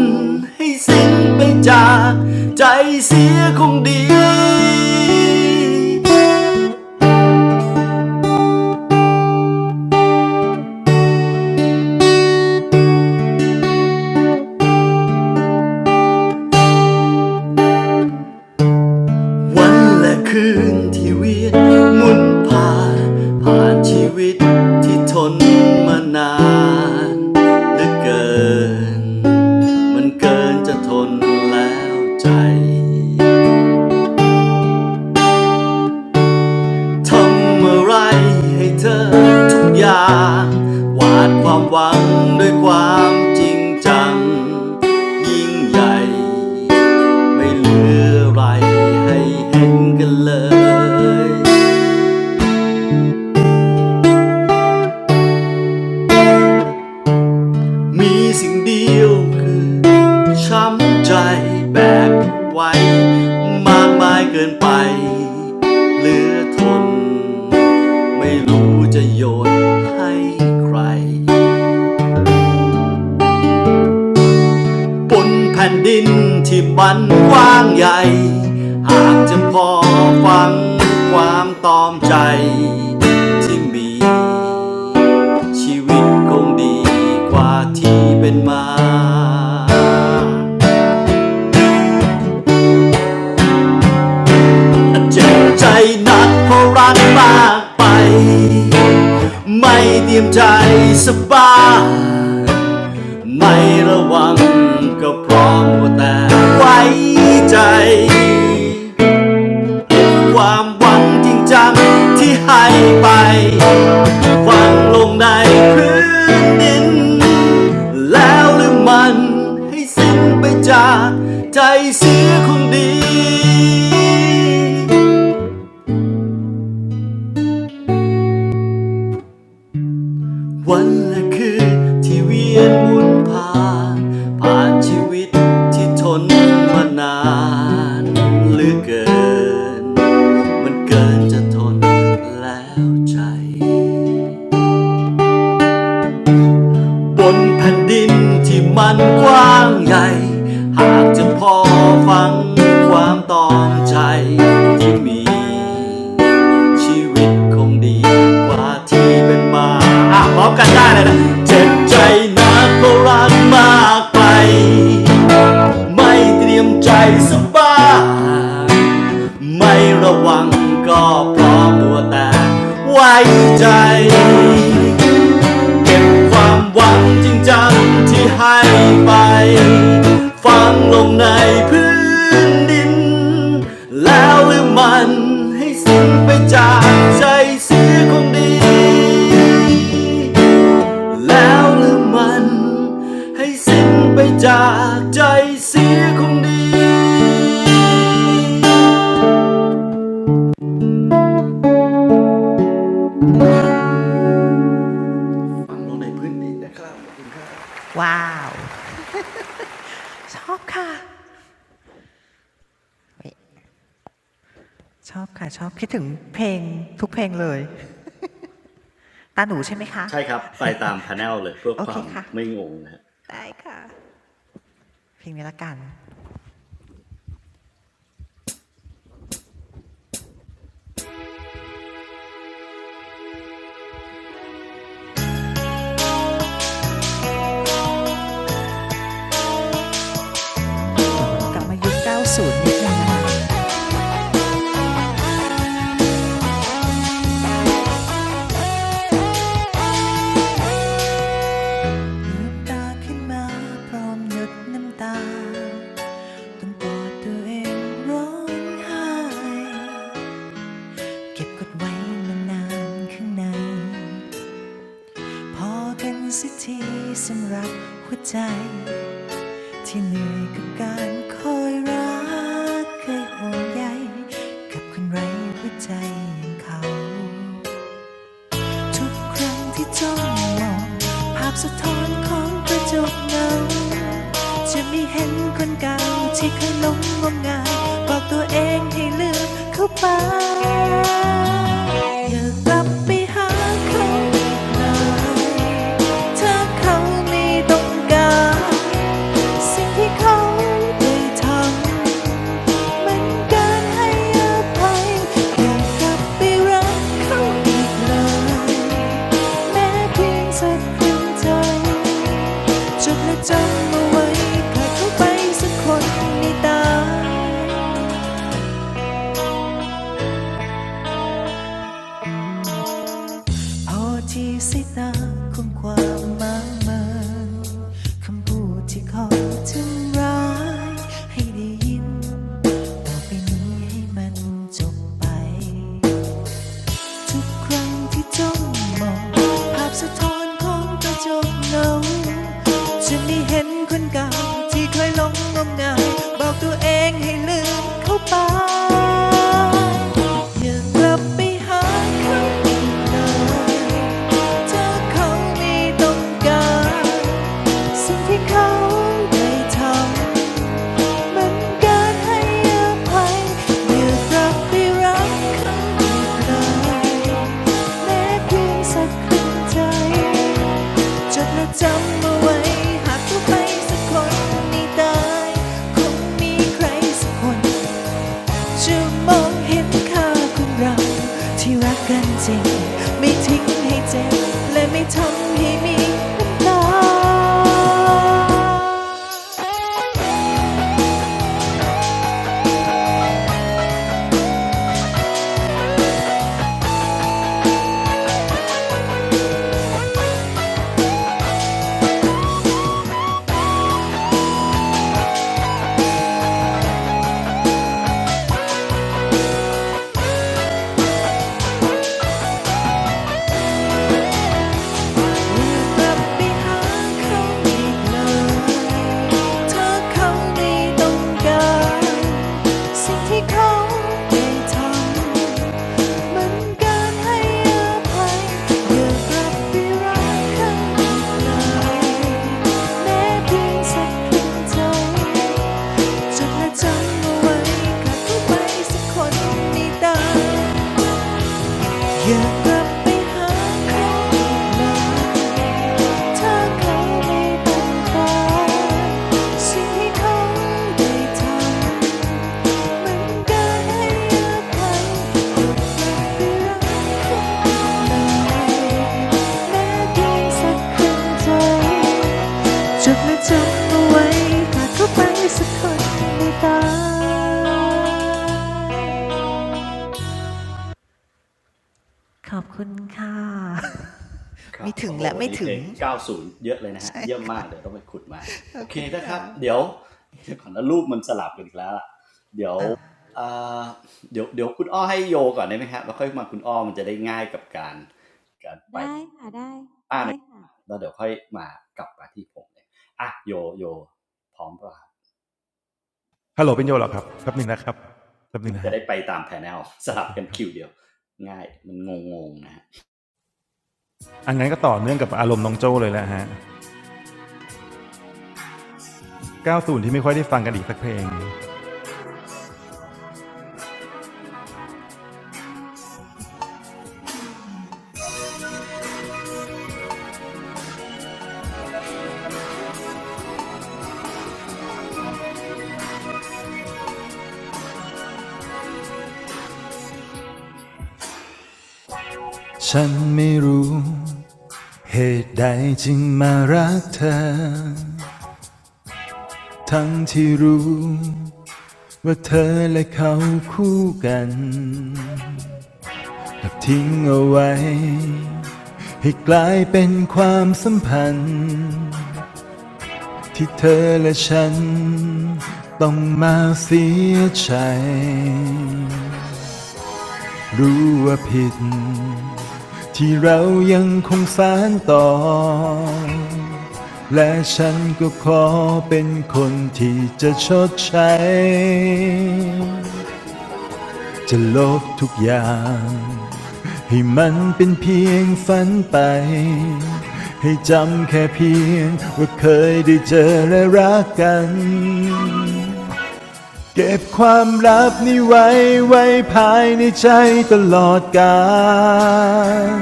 Speaker 2: ให้สิ้นไปจากใจเสียคงดีวันและคืนที่เวียนหมุนผ่านผ่านชีวิตที่ทนมานานเหลือเกินมันเกินจะทนแล้วใจ ทำอะไรให้เธอทุกอย่างหวาดความหวังด้วยความจริงจังยิ่งใหญ่ไม่เหลืออะไรให้เห็นกันเลยมีสิ่งเดียวคือช้ำใจแบกไว้มากมายเกินไปเหลือทนไม่รู้จะโยนให้ใคร บนแผ่นดินที่บันไหวที่เวียนหมุนผ่านผ่านชีวิตที่ทนมานานเหลือเกินมันเกินจะทนแล้วใจ บนแผ่นดินที่มันกว้างใหญ่ หากจะพอฟังความตอมใจที่มีชีวิตคงดีกว่าที่เป็นมาอ่ะพร้อมกันได้เลยนะเจ็บใจนักเพราะรักมากไปไม่เตรียมใจสักบ้างไม่ระวังก็พร้อมตัวแต่ไว้ใจ ความหวังจริงจังที่ให้ไปฟังลงในพื้นดินแล้วลืมมันให้สิ้นไปจากใจเสียคงดีแล้วลืมมันให้สิ้นไปจากใจเสียคงดีลงในพื้นดิน
Speaker 1: ว้าว ชอบค่ะ ชอบค่ะ ชอบคิดถึงเพลงทุกเพลงเลย ตาหนูใช่ไหมคะ โอเคค่ะ ได้ค่ะ เพลงนี้ละกันกลับมายุค90นิดนึงนะ ลืมตาขึ้นมาพร้อมหยดน้ำตา ต้องกอดตัวเองร้องไห้เก็บกดไว้มานานข้างใน พอกันสักทีสำหรับหัวใจที่เหนื่อยกับการคอยรักเคยห่วงใยกับคนไร้หัวใจอย่างเขา ทุกครั้งที่จ้องมองภาพสะท้อนของกระจกเงาจะไม่เห็นคนเก่าที่เคยหลงงมงายบอกตัวเองให้ลืมเขาไป อย่ากลับไปหาเขาอีกเลยถ้าเขาไม่ต้องการสิ่งที่เขาได้ทำมันการให้อภัย อยากกลับไปรักเขาอีกเลย แม้เพียงสักดวงใจจดและจำเอาไว้เกดเข้าไปสักคนในตาพอที่สายตาคงความมากมายคำพูดที่คอยทำร้าย ให้ได้ยินต่อไปนี้ให้มันจบไป ทุกครั้งที่จ้องมองภาพสะท้อนของกระจกเงาฉันไม่เห็นคนเก่าที่เคยหลงงมงายบอกตัวเองให้ลืมเขาไปอย่ากลับไปหาเขาอีกเลยถ้าเขาไม่ต้องการสิ่งที่เขาได้ทำ มันการให้อภัยอย่ารับไหรักครแม้เพียงสักคึใจจดและจำเอาไว้หากผู้ใคสักคนไม่ตายคงมีใครสักคนจะมองเห็นค่าของเราที่รักกันจริงไม่ทิ้งให้เจ็บและไม่ทำให้มีน้ำตา จำเอาไว้ กลับเข้าไปสักคนไี่ได้ อยากกลับไปหาเขาอีกนาถ้าเขาไม่ต้องการสิ่งที่เขาได้ทำมันก็ให้อภัยหยุดรักไปรักคนใหม่แม้เพียงสักครึ่งใจจดและจำเอาไว้หากเขาไปสักคนไม่ตายขอบคุณค่ะมีถึงและไม่ถึง ขอบคุณค่ะ
Speaker 5: ฮัลโหลเป็นโยเหรอครับครับหนึงนะครับครับหนึงนะฮะโอเคครับอันนั้นก็ต่อเนื่องกับอารมณ์น้องโจ้เลยแหละฮะ90ที่ไม่ค่อยได้ฟังกันอีกสักเพลงฉันไม่รู้เหตุใดจึงมารักเธอ ทั้งที่รู้ว่าเธอและเขาคู่กันกลับทิ้งเอาไว้ให้กลายเป็นความสัมพันธ์ที่เธอและฉันต้องมาเสียใจ รู้ว่าผิดที่เรายังคงสานต่อ และฉันก็ขอเป็นคนที่จะชดใช้ จะลบทุกอย่างให้มันเป็นเพียงฝันไปให้จำแค่เพียงว่าเคยได้เจอและรักกันเก็บความลับนี้ไว้ไว้ภายในใจตลอดกาล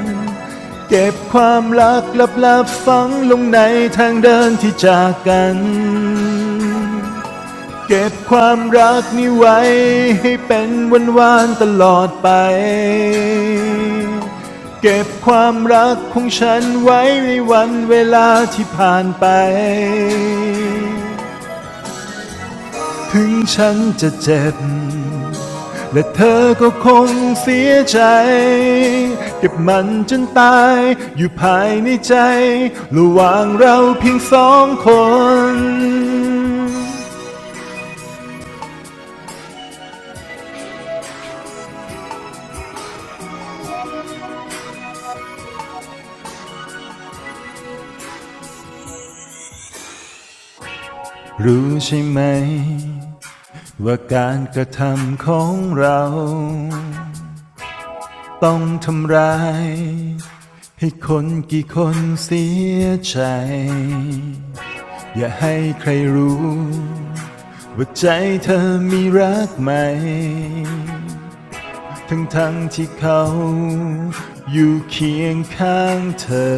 Speaker 5: เก็บความรักลับๆฝังลงในทางเดินที่จากกัน เก็บความรักนี้ไว้ให้เป็นวันวานตลอดไป เก็บความรักของฉันไว้ในวันเวลาที่ผ่านไป ถึงฉันจะเจ็บและเธอก็คงเสียใจ เก็บมันจนตายอยู่ภายในใจระหว่างเราเพียงสองคน รู้ใช่ไหม ว่าการกระทำของเราต้องทำร้ายให้คนกี่คนเสียใจอย่าให้ใครรู้ว่าใจเธอมีรักไหมทั้งทั้งที่เขาอยู่เคียงข้างเธอ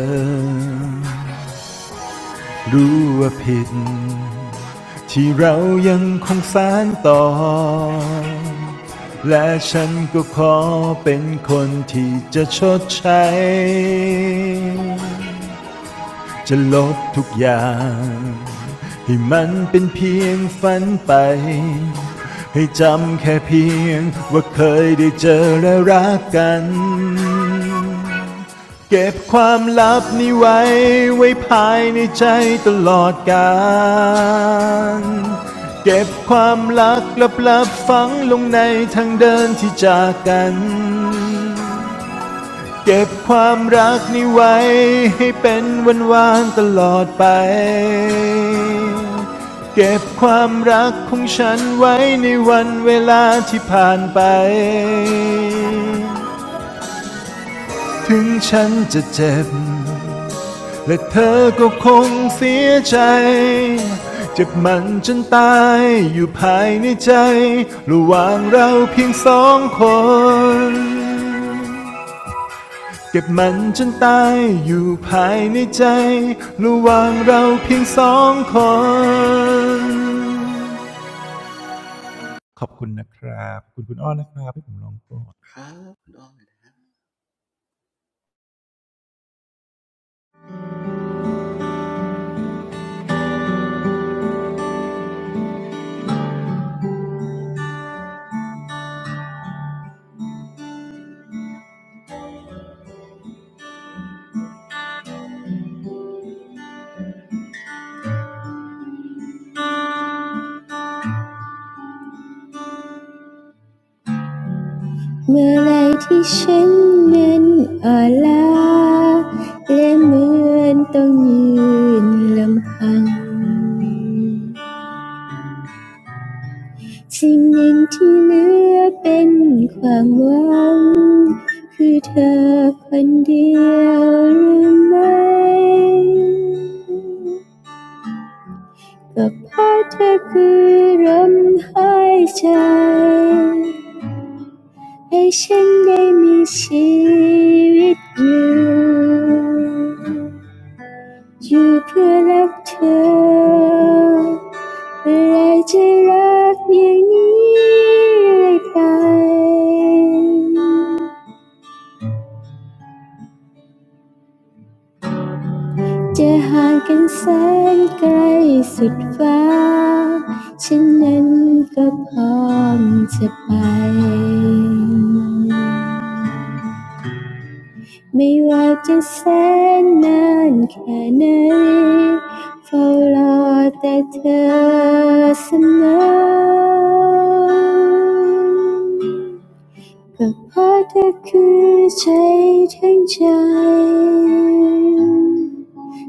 Speaker 5: รู้ว่าผิด ที่เรายังคงสานต่อ และฉันก็ขอเป็นคนที่จะชดใช้ จะลบทุกอย่างให้มันเป็นเพียงฝันไป ให้จำแค่เพียงว่าเคยได้เจอและรักกัน เก็บความลับนี้ไว้ไว้ภายในใจตลอดกาลเก็บความลักลับับๆฝังลงในทางเดินที่จากกัน เก็บความรักนี้ไว้ให้เป็นวันวานตลอดไปเก็บความรักของฉันไว้ในวันเวลาที่ผ่านไป ถึงฉันจะเจ็บ และเธอก็คงเสียใจเจ็บมันจนตายอยู่ภายในใจระหว่างเราเพียงสองคนเก็บมันจนตายอยู่ภายในใจระหว่างเราเพียงสองคนขอบคุณนะครับคุณคุณอ้อนนะครับให้ผมลองก่อน
Speaker 2: ครับค
Speaker 4: Mỗi ngày khi Chen lên ở lá, lẽ muôn tơ như lâm hằng. สิ่งหนึ่งที่เหลือเป็นความหวังคือเธอคนเดียวหรือไม่ก็เพราะเธอคือลมหายใจให้ฉันได้มีชีวิตอยู่อยู่เพื่อรักเธอ เมยไรจะรักอย่างนี้เรยไปจะห่างกันแสนไกลสุดฟ้า ฉันนั้นก็พร้อมจะไป ไม่ว่าจะแสนนานแค่ไหนเฝ้ารอแต่เธอเสมอ ก็เพราะเธอคือใจทั้งใจ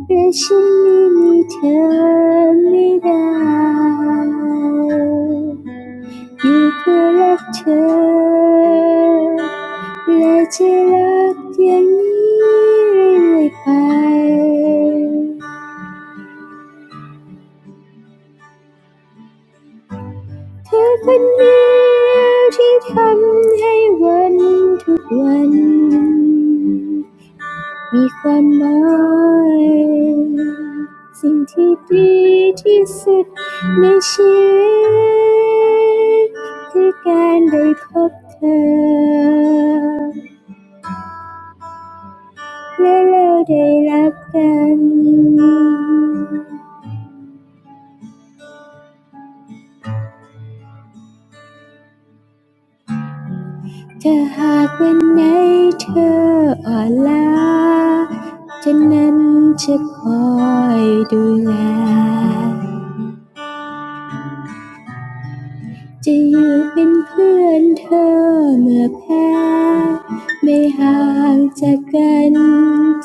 Speaker 4: แต่ฉันไม่มีเธอไม่ได้อยู่เพื่อรักเธอและจะรักอย่างนี้เรื่อยไปเธอคนเดียวที่ทำให้วันทุกวัน มีความหมายสิ่งที่ดีที่สุดในชีวิตคือการได้พบเธอและเราได้รักกันถ้าหากวันไหนเธออ่อนล้าฉันนั้นจะคอยดูแล จะอยู่เป็นเพื่อนเธอเมื่อแพ้ไม่ห่างจากกัน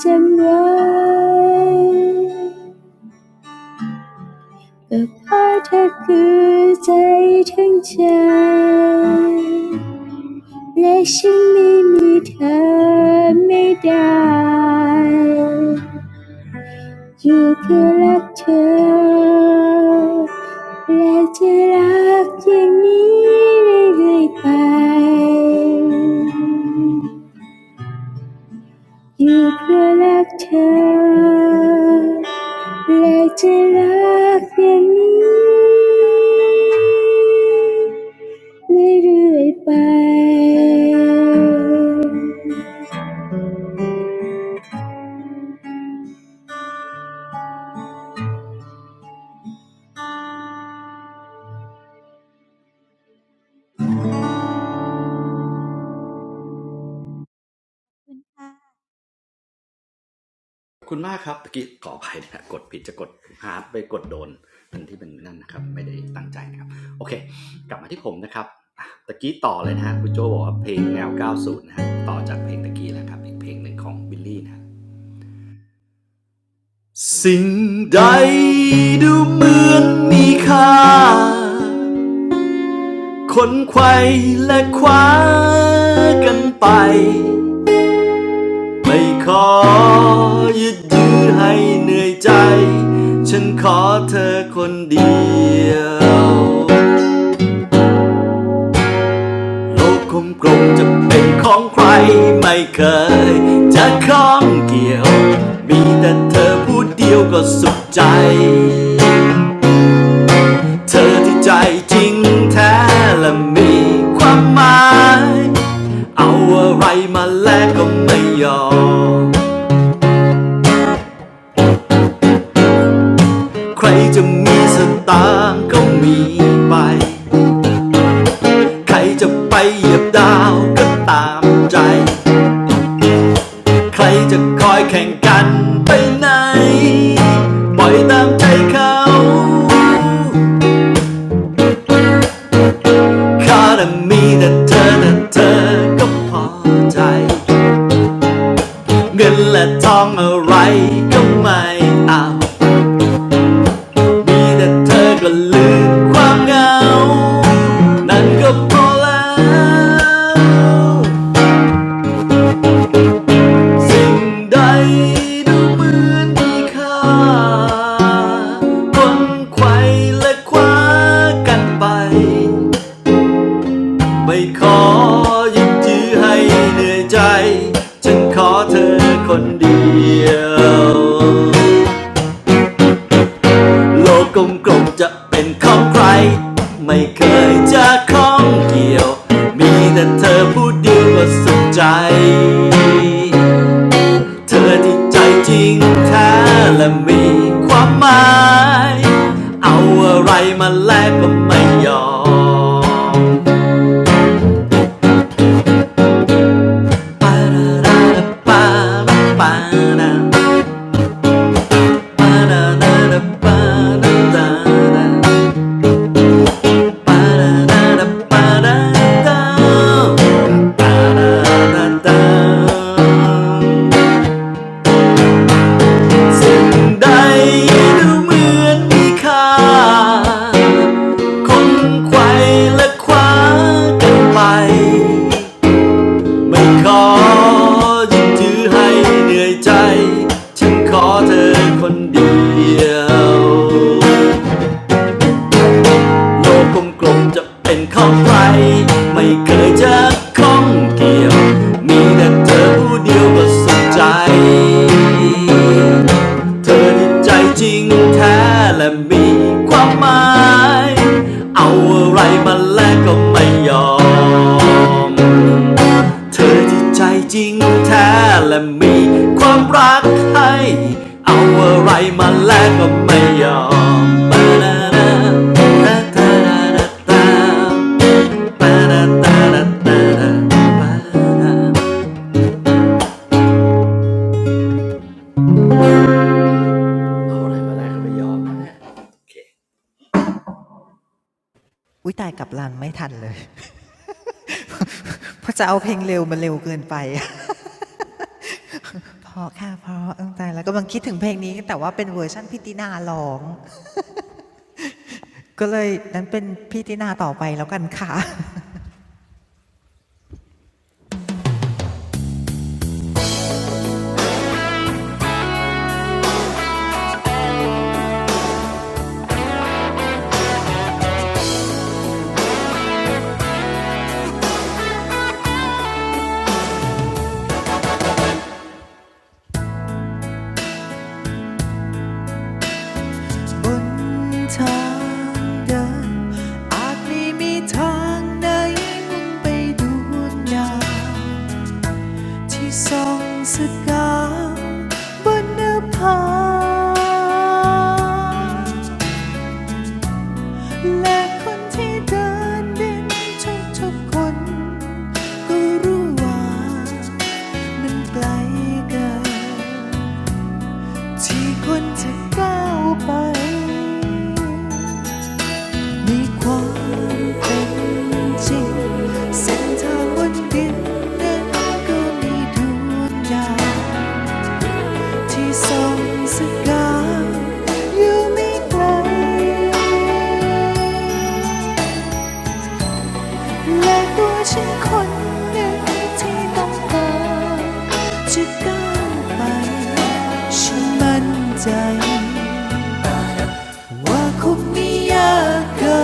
Speaker 4: จำไว้ก็เพราะเธอคือใจทั้งใจและฉันไม่มีเธอไม่ได้ อยู่เพื่อรักเธอและจะรักอย่างนี้เรื่อยไปอยู่เพื่อรักเธอและจะรักอย่างนี้เรื่อยไป
Speaker 2: ยืดยื้อให้เหนื่อยใจฉันขอเธอคนเดียว โลกกลมกลมจะเป็นของใครไม่เคยจะข้องเกี่ยวมีแต่เธอผู้เดียวก็สุขใจเธอที่ใจจริงแท้และมีความหมายเอาอะไรมาแลกก็ไม่ยอมใครจะมีสตางค์ก็มีไปใครจะไปเหยียบดาวก็ตามใจ ใครจะคอยแข่งกันไปไหนปล่อยตามใจเขาข้าแต่มีแต่เธอแต่เธอก็พอใจ เงินและทองอะไรก็ไม่เอามีแต่เธอก็ลืมความเหงา นั่นก็พอแล้ว สิ่งใดดูเหมือนมีค่าคนไขว้และคว้ากันไป ไม่ขอยึดถือให้เหนื่อยใจ ฉันขอเธอคนเดียว โลกกลมๆจะเป็นของใคร ไม่เคยจะข้องเกี่ยว มีแต่เธอผู้เดียวก็สุขใจ เธอที่ใจจริงแท้และมีความหมาย เอาอะไรมาแลกก็ไม่ยอม ปาราาปาราปาราปาราปาราปาราปาราปารา สิ่งใดดูเหมือนมีค่าคนไขว้และคว้ากันไปไม่ขอยึดถือให้เหนื่อยใจฉันขอเธอคนเดียว โลกกลมๆจะเป็นของใครไม่เคยจะข้องเกี่ยวมีแต่เธอผู้เดียวก็สุขใจเธอในใจจริงแท้และมีความหมายเอาอะไรมาแลกก็ไม่ยอม เธอที่ใจจริงแท้และมีความรักให้เอาอะไรมาแลกก็ไม่ยอมเอาอะไรมาแลกก็ไม่ยอมนะ
Speaker 1: อุ้ยตายกลับลันไม่ทันเลย เพราะจะเอาเพลงเร็วมันเร็วเกินไปเพ ราะค่ะเพราะตั้งใจแล้วก็กำลังคิดถึงเพลงนี้แต่ว่าเป็นเวอร์ชั่นพี่ตินาร้องก็เลยนั้นเป็นพี่ตินาต่อไปแล้วกันค่ะบนทางเดินอาจไม่มีทางไหนมุ่งไปดูดาวที่ส่องสกาวบนนภา และคนที่เดินดินทุกๆคนก็รู้ว่ามันไกลเกินที่คนจะก้าวไปมีความเป็นจริงเส้นทางบนดินนั้นก็มีดวงดาวที่ส่องสกาวอยู่ไม่ไกล และตัวฉันคนหนึ่งที่ต้องการจะก้าวไปฉันมั่นใจว่าคงไม่ยากเกิ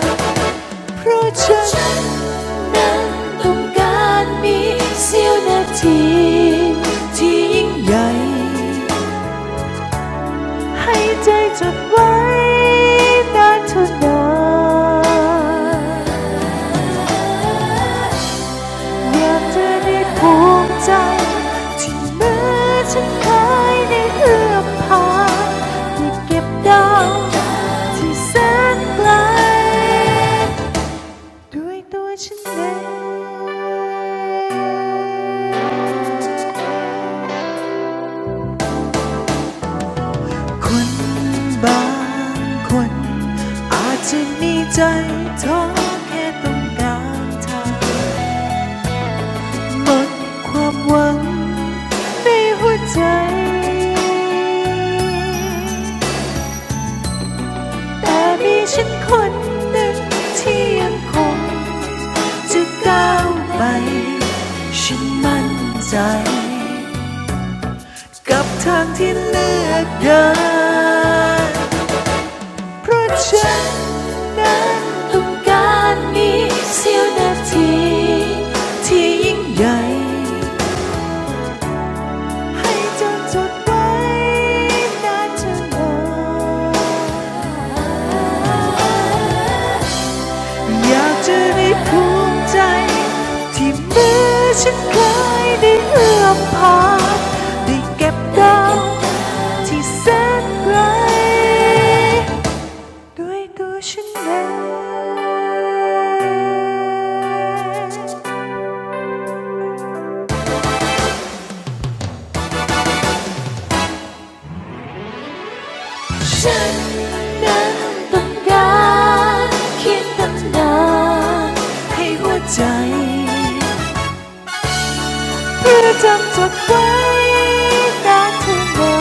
Speaker 1: นเพราะฉันนั้นต้องการมีเสี้ยวนาทีที่ยิ่งใหญ่ให้ใจจดไว้นานเท่านาน อยากจะได้ภูมิใจที่มือฉันเคยได้เอื้อมผ่านได้เก็บดาวที่แสนไกลด้วยตัวฉันเองคนบางคนอาจจะมีใจท้อแค่ต้องการทางหมดความหวังในหัวใจ แต่มีฉันคนหนึ่งที่ยังคงจะก้าวไป ฉันมั่นใจกับทางที่เลือกเดินเพราะฉันนั้นต้องการมีเสี้ยวนาทีที่ยิ่งใหญ่ให้เธอจดไว้นานเท่าน้น อยากจะได้ภูมิใจที่มือฉันเคยได้เอื้อมผ่านได้เก็บดาวที่แสนไกลด้วยตัวฉันเองฉันนั้นต้องการเขียนตำนานให้หัวใจ เพื่อจำจดไว้การเธอมา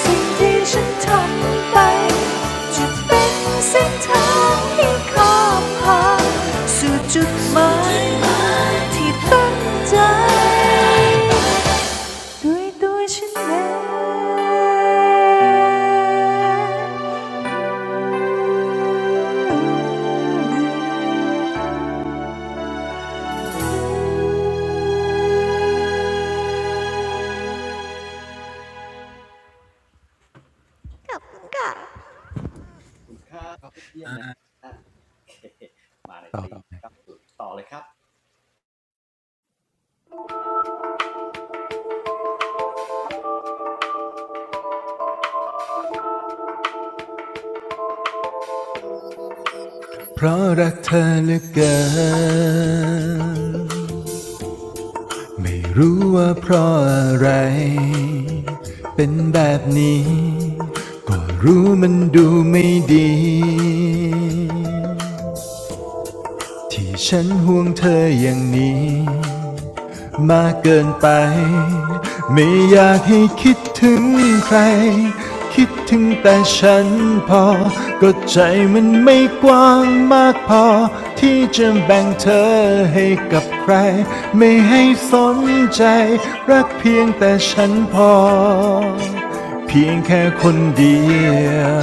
Speaker 1: สิ่งที่ฉันทำไปจะเป็นเส้นทางที่ข้ามผ่านสู่จุดหมายที่ตั้งใจด้วยตัวฉันเอง
Speaker 5: เพราะรักเธอเหลือเกิน ไม่รู้ว่าเพราะอะไรเป็นแบบนี้ก็รู้มันดูไม่ดีที่ฉันห่วงเธออย่างนี้ มากเกินไปไม่อยากให้คิดถึงใครคิดถึงแต่ฉันพอก็ใจมันไม่กว้างมากพอที่จะแบ่งเธอให้กับใครไม่ให้สนใจรักเพียงแต่ฉันพอเพียงแค่คนเดียว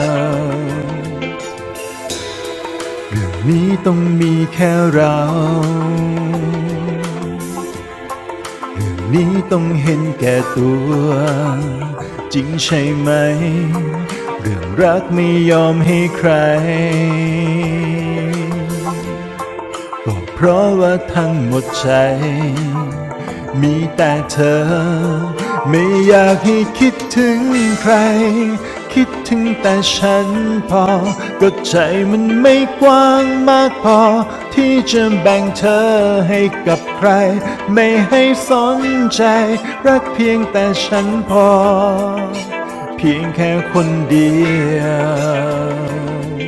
Speaker 5: เรื่องนี้ต้องมีแค่เรา นี้ต้องเห็นแก่ตัวจริงใช่ไหมเรื่องรักไม่ยอมให้ใคร ก็เพราะว่าทั้งหมดใจมีแต่เธอไม่อยากให้คิดถึงใครคิดถึงแต่ฉันพอก็ใจมันไม่กว้างมากพอที่จะแบ่งเธอให้กับใครไม่ให้สนใจรักเพียงแต่ฉันพอเพียงแค่คนเดียว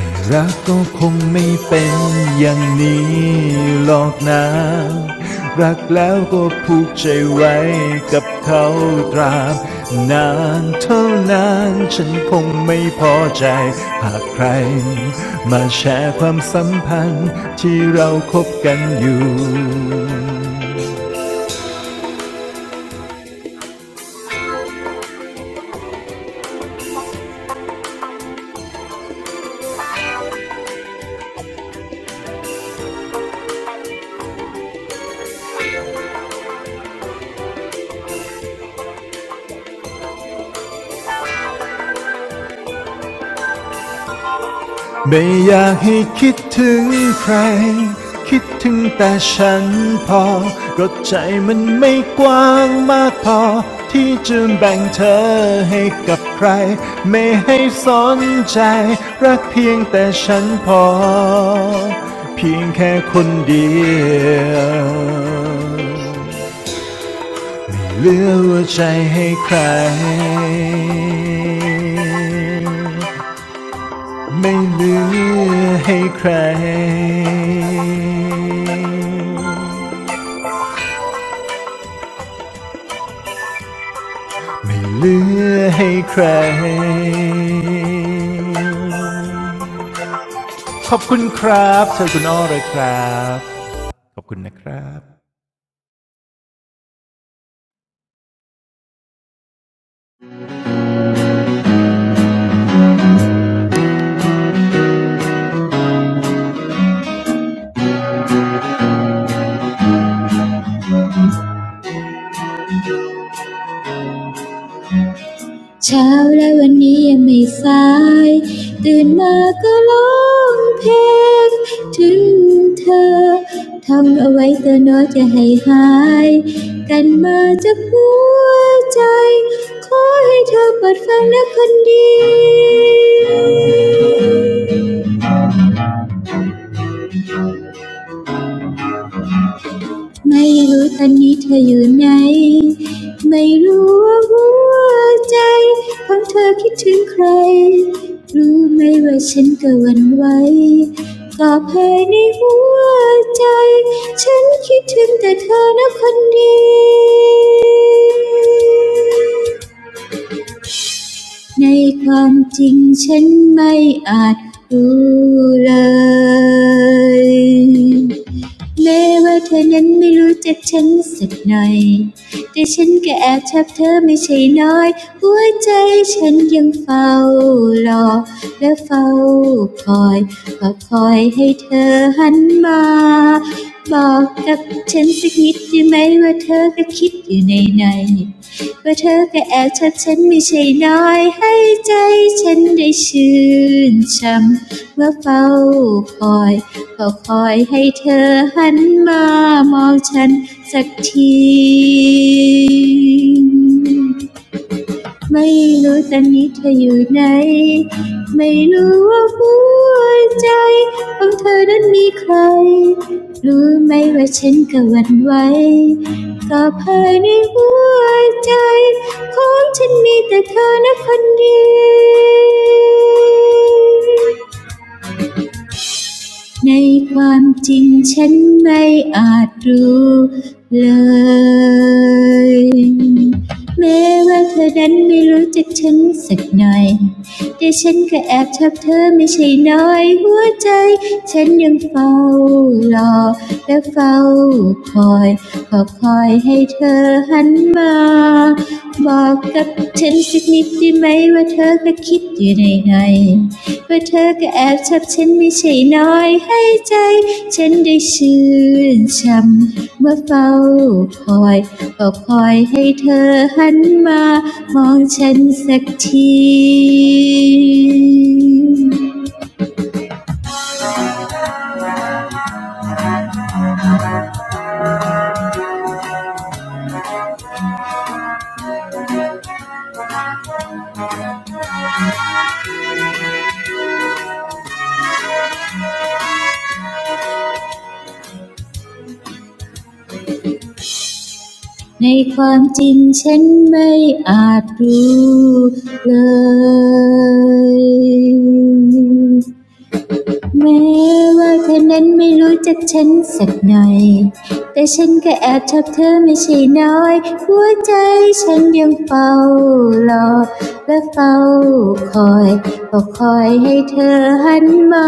Speaker 5: ไม่รักก็คงไม่เป็นอย่างนี้หรอกนะรักแล้วก็ผูกใจไว้กับเขาตราบนานเท่านานฉันคงไม่พอใจหากใครมาแชร์ความสัมพันธ์ที่เราคบกันอยู่ ไม่อยากให้คิดถึงใครคิดถึงแต่ฉันพอก็ใจมันไม่กว้างมากพอที่จะแบ่งเธอให้กับใครไม่ให้สนใจรักเพียงแต่ฉันพอเพียงแค่คนเดียวเหลือหัวใจให้ใคร ไม่เหลือให้ใครไม่เหลือให้ใครขอบคุณครับเชิญคุณอ้อเลยครับขอบคุณนะครับ
Speaker 4: เช้าและวันนี้ยังไม่สายตื่นมาก็ร้องเพลงถึงเธอท่องเอาไว้ตัวน้อยจะให้หายกันมาจากหัวใจขอให้เธอเปิดฟังนะคนดี ไม่รู้ตอนนี้เธออยู่ไหนไม่รู้ว่าหัวใจของเธอคิดถึงใครรู้ไหมว่าฉันก็หวันไหวก็ให้ในหัวใจฉันคิดถึงแต่เธอนะคนเดียวในความจริงฉันไม่อาจรู้เลย แม้ว่าเธอนั้นไม่รู้จักฉันสักหน่อย แต่ฉันก็แอบชอบเธอไม่ใช่น้อย หัวใจฉันยังเฝ้ารอและเฝ้าคอยเฝ้าคอยให้เธอหันมาบอกกับฉันสักนิดได้ไหมว่าเธอก็คิดอยู่ในใน ว่าเธอก็แอบชอบฉันไม่ใช่น้อยให้ใจฉันได้ชื่นช่ำเมื่อเฝ้าคอยก็คอยให้เธอหันมามองฉันสักที ไม่รู้ตอนนี้เธออยู่ไหนไม่รู้ว่าหัวใจของเธอนั้นมีใครรู้ไหมว่าฉันก็หวั่นไหวก็ภายในหัวใจของฉันมีแต่เธอนะคนเดียว ในความจริงฉันไม่อาจรู้เลยแม้ว่าเธอนั้นไม่รู้จักฉันสักหน่อยแต่ฉันก็แอบชอบเธอไม่ใช่น้อยหัวใจฉันยังเฝ้ารอและเฝ้าคอยขอคอยให้เธอหันมาบอกกับฉันสักนิดได้ไหมว่าเธอก็คิดอยู่ในใน เพราะเธอก็แอบชอบฉันไม่ใช่น้อยให้ใจฉันได้ชื่นช่ำเมื่อเฝ้าคอยก็คอยให้เธอหันมามองฉันสักทีในความจริงฉันไม่อาจรู้เลย แม้ว่าเธอนั้นไม่รู้จักฉันสักหน่อยแต่ฉันก็แอบชอบเธอไม่ใช่น้อยหัวใจฉันยังเฝ้ารอและเฝ้าคอยก็คอยให้เธอหันมา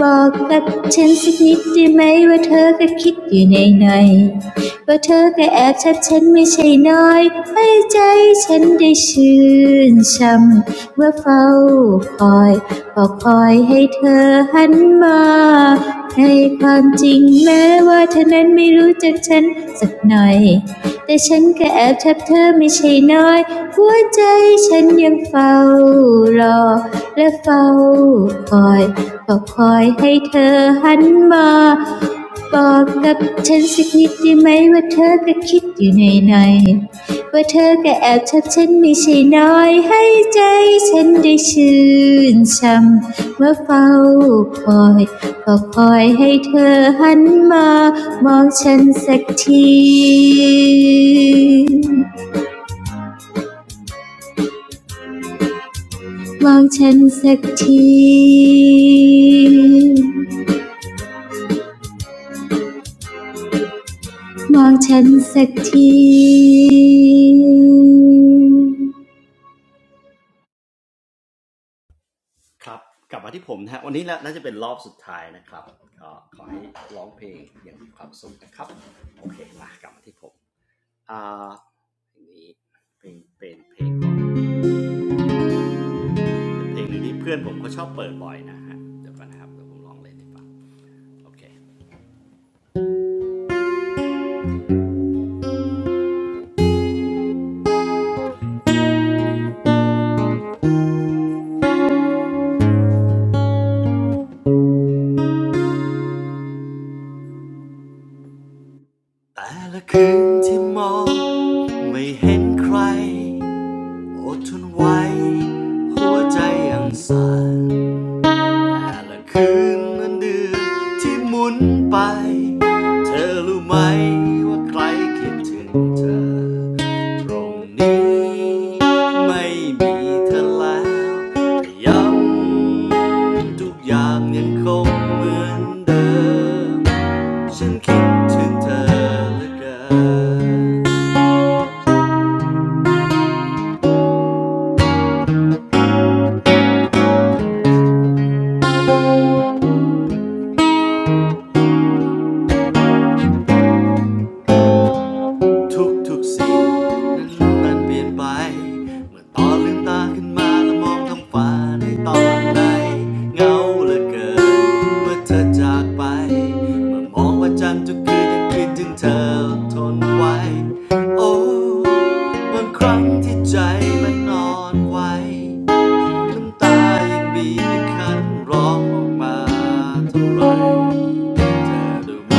Speaker 4: บอกกับฉันสักนิดได้ไหมว่าเธอก็คิดอยู่ในใน ก็เธอก็แอบชัดฉันไม่ใช่น้อยให้ใจฉันได้ชื่นช่ำว่าเฝ้าคอยก็คอยให้เธอหันมาให้ความจริงแม้ว่าเธอนั้นไม่รู้จักฉันสักหน่อย แต่ฉันก็แอบชับเธอไม่ใช่น้อยหัวใจฉันยังเฝ้ารอและเฝ้าคอยก็คอยให้เธอหันมา บอกกับฉันสักนิดได้ไหมว่าเธอก็คิดอยู่ในในว่าเธอก็แอบชอบฉันไม่ใช่น้อยให้ใจฉันได้ชื่นช่ำเมื่อเฝ้าคอยก็คอยให้เธอหันมามองฉันสักทีมองฉันสักทีมองฉันสักที
Speaker 2: แต่ละคืนที่มองไม่เห็นใครอดทนไว้หัวใจยังสั่น แต่ละคืนนั้นเดือนที่หมุนไป เธอรู้ไหมว่าใครคิดถึงเธอตรงนี้ไม่มีเธอแล้วแต่ย้ำทุกอย่างยังคงเหมือนเดิม ฉันคิดถึงเธอเหลือเกิน ทุกทุกๆสิ่งนั้นมันเปลี่ยนไป เมื่อตอนลืมตาขึ้นมาแล้วมองท้องฟ้าในตอนใดเงาเหลือเกินเมื่อเธอจากไปเมื่อมองว่าจันทร์ทุกคืนยังคิดถึงเธอทนไว้ โอ้บางครั้งที่ใจมันนอนไวว น้ำตายังมีคันร้องออกมาเท่าไหรเธอดูไหม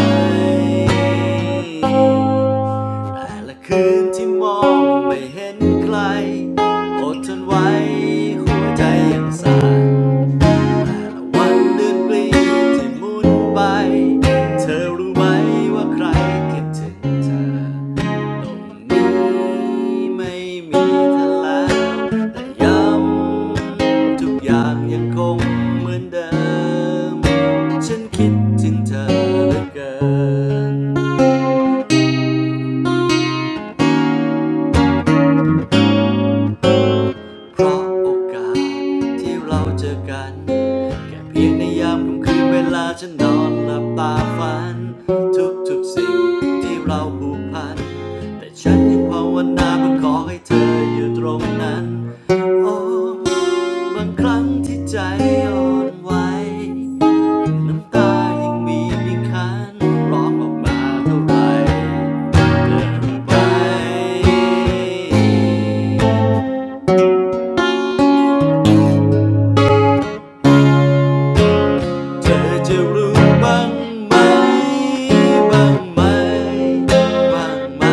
Speaker 2: แต่ละคืนที่มองไม่เห็นใครอดทนไว้หัวใจยังสั่น วันเดือนปีที่หมุนไป เธอรู้ไหมว่าใครคิดถึงเธอตรงนี้ไม่มีเธอแล้วแต่ย้ำทุกอย่างยังคงเหมือนเดิม ฉันคิดถึงเธอเหลือเกิน เพราะโอกาสที่เราเจอกันแค่เพียงในยามค่ำคืนเวลาฉันนอนหลับตาฝันทุกๆสิ่งที่เราผูกพันแต่ฉันยังภาวนาเพื่อขอให้เธออยู่ตรงนั้นโอ้บางครั้งที่ใจอ่อนไหวน้ำตายังมีอีกคันร้องออกมาเท่าไหรเกินไป เธอจะรู้บ้างไหมบ้างไหมบ้างไหม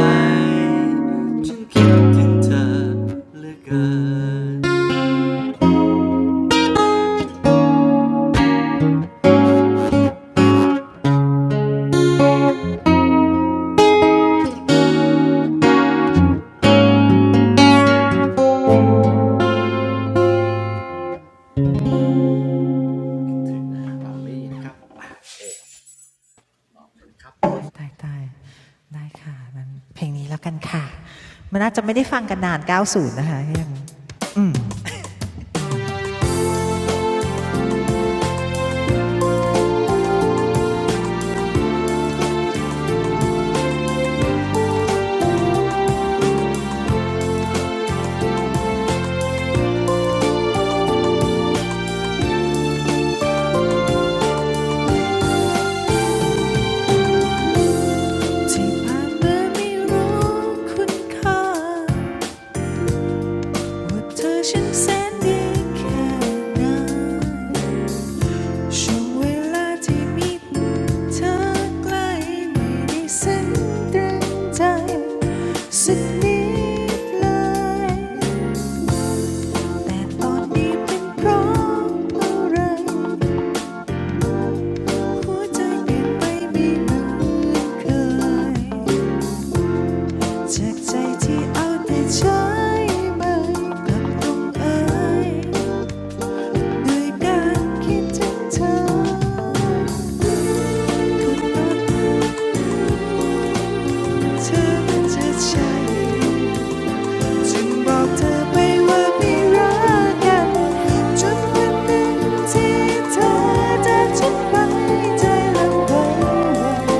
Speaker 2: ฉันคิดถึงเธอเหลือเกินตามนี้นะครับ
Speaker 1: ตายตายตายได้ค่ะนั้นเพลงนี้แล้วกันค่ะมันน่าจะไม่ได้ฟังกันนาน90นะคะยัง ที่ผ่านมาไม่รู้คุณค่า ว่าเธอฉันแสนดีแค่ไหนช่วงเวลาที่มีเธอใกล้ไม่ได้ซึ้งตรึงใจสักนิดเลย แต่ตอนนี้เป็นเพราะอะไรหัวใจเปลี่ยนไปไม่เหมือนเคย จากใจที่เอาแต่ใช้ไม่กลับต้องเอ่ย ด้วยการคิดถึงเธอคเธอนจะใช่จึงบอกเธอไปว่าไม่รักกันจดวันหนึ่งที่เธอจากฉันไปใจละเวง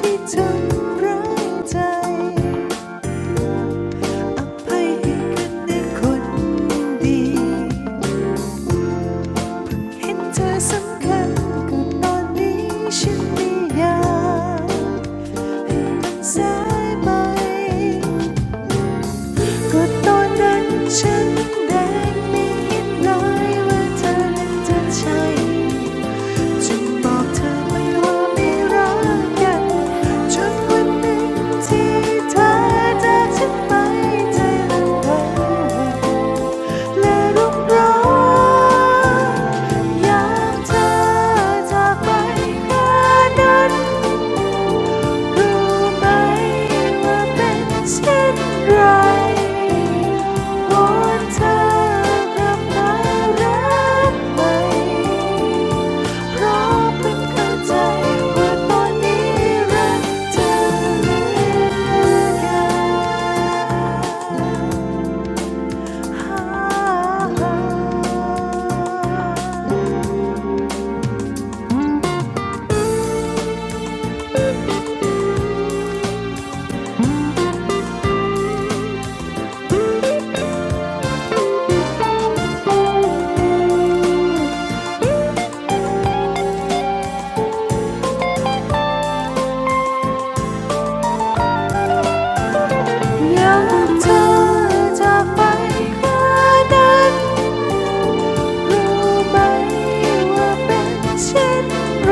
Speaker 1: ที่ทำร้ายใจ ให้กันในคนดี เห็นเธอสำคัญก็ตอนนี้ฉันไม่อยากสายไมก็ตอนนั้นฉันแดงไม่เิดเลยว่าเธอนั้นจะใช่จึงบอกเธอไม่ว่าไม่รักกันจนวันหนึ่งที่เธอจากฉันไปใจมันไป และรุกรานอยากเธอจากไปแค่นั้นรู้ไหมว่าเป็นเช่นไรวอนเธอกลับมารักใหม่เพราะเป็นงเข้าใจว่าตอนนี้รักเธอเหลือกัน ยังเธอจะไปครานั้นรู้ไหมว่าเป็นเช่นไร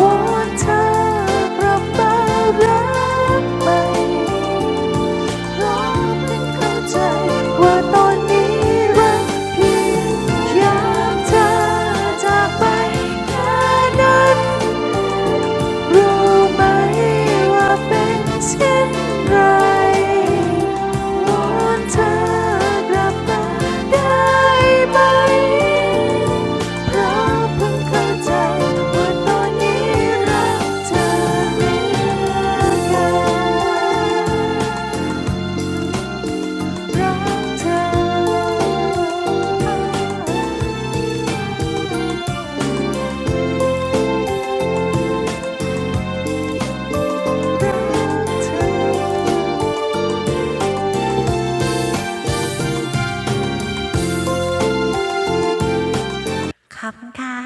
Speaker 1: ว่าเธอรับมารักไหม่ เพราะเป็นเข้าใจว่าตอนนี้รักพียอยากเธอจากไปแค่นั้นรู้ไหมว่าเป็นเช่นไรวนเธอกลับมาได้ไหม เพราะเพิ่งเข้าใจว่าตอนนี้รักเธอเหลือเกิน รักเธอขอบคุณค่ะ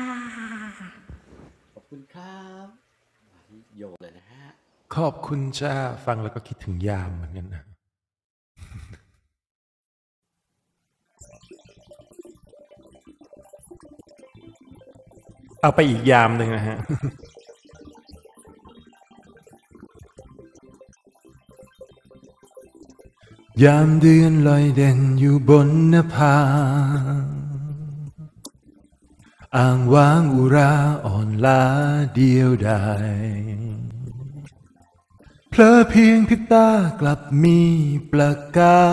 Speaker 2: ขอบคุณครับ
Speaker 5: ขอบคุณจ้าฟังแล้วก็คิดถึงยามเหมือนกันนะเอาไปอีกยามหนึ่งนะฮะยามเดือนลอยเด่นอยู่บนนภาอ่างว้างอุราอ่อนล้าเดียวดาย เพลอเพียงพริบตากลับมีประกา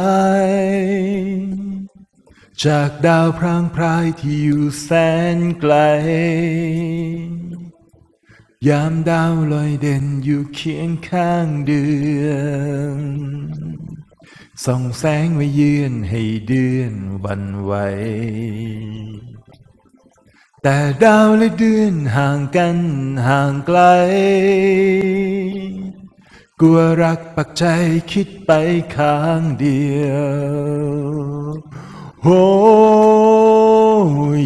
Speaker 5: ยจากดาวพรางพรายที่อยู่แสนไกลยามดาวลอยเด่นอยู่เคียงข้างเดือนส่องแสงไว้เยือนให้เดือนหวันไหว แต่ดาวและเดือนห่างกันห่างไกลกลัวรักปักใจคิดไปข้างเดียว โอ้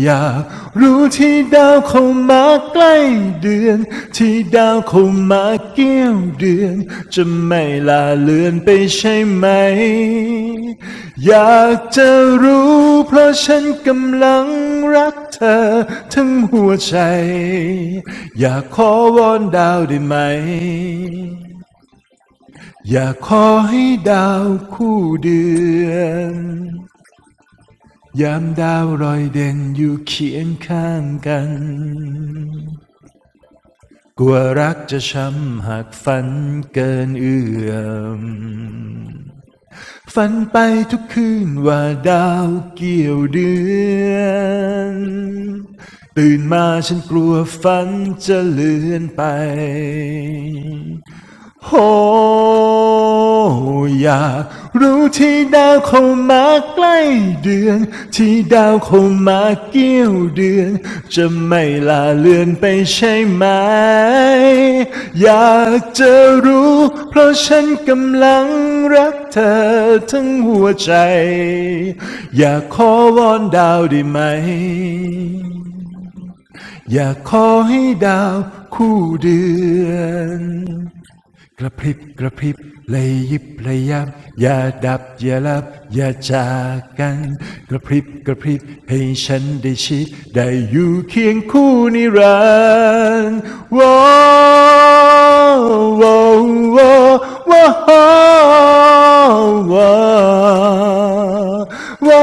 Speaker 5: อยากรู้ที่ดาวเข้ามาใกล้เดือน ที่ดาวเข้ามาเกี่ยวเดือนจะไม่ลาเลือนไปใช่ไหมอยากจะรู้เพราะฉันกำลังรักเธอทั้งหัวใจอยากขอวอนดาวได้ไหมอยากขอให้ดาวคู่เดือนยามดาวรอยเด่นอยู่เคียงข้างกัน กลัวรักจะช้ำหากฝันเกินเอื้อมฝันไปทุกคืนว่าดาวเกี่ยวเดือน ตื่นมาฉันกลัวฝันจะเลือนไปโหอยากรู้ที่ดาวเข้ามาใกล้เดือน ที่ดาวคงมาเกี่ยวเดือนจะไม่ลาเลือนไปใช่ไหมอยากจะรู้เพราะฉันกำลังรักเธอทั้งหัวใจอยากขอวอนดาวได้ไหม อย่าขอให้ดาวคู่เดือนกระพริบกระพริบระยิบระยับอย่าดับอย่าลับอย่าจากกันกระพริบกระพริบให้ฉันได้ชิดได้อยู่เคียงคู่นิรันดร์ว้าวว้าวว้าวว้าว ว่า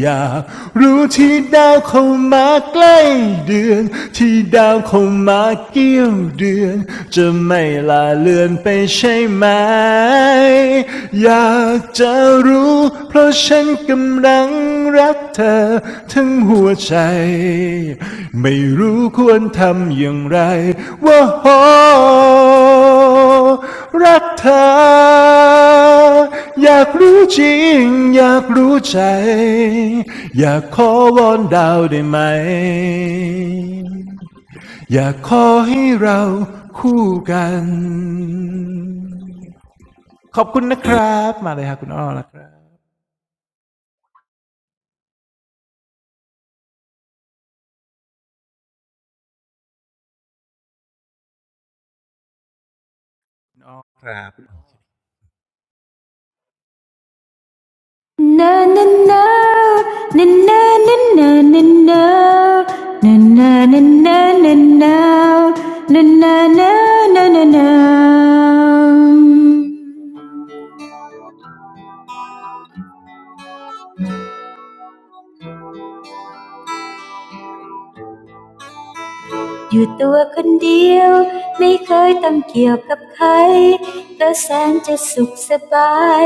Speaker 5: อยากรู้ที่ดาวเข้ามาใกล้เดือนที่ดาวเข้ามาเกี่ยวเดือนจะไม่ลาเลือนไปใช่ไหมอยากจะรู้เพราะฉันกำลังรักเธอทั้งหัวใจไม่รู้ควรทำอย่างไรว่าโหรักเธอ อยากรู้จริงอยากรู้ใจอยากขอวอนดาวได้ไหมอยากขอให้เราคู่กันขอบคุณนะครับมาเลยฮะคุณอ้อนะครับ
Speaker 4: No no no no no no no no no no no no no no no no no no. อยู่ตัวคนเดียวไม่เคยต้องเกี่ยวกับใครก็แสนจะสุขสบาย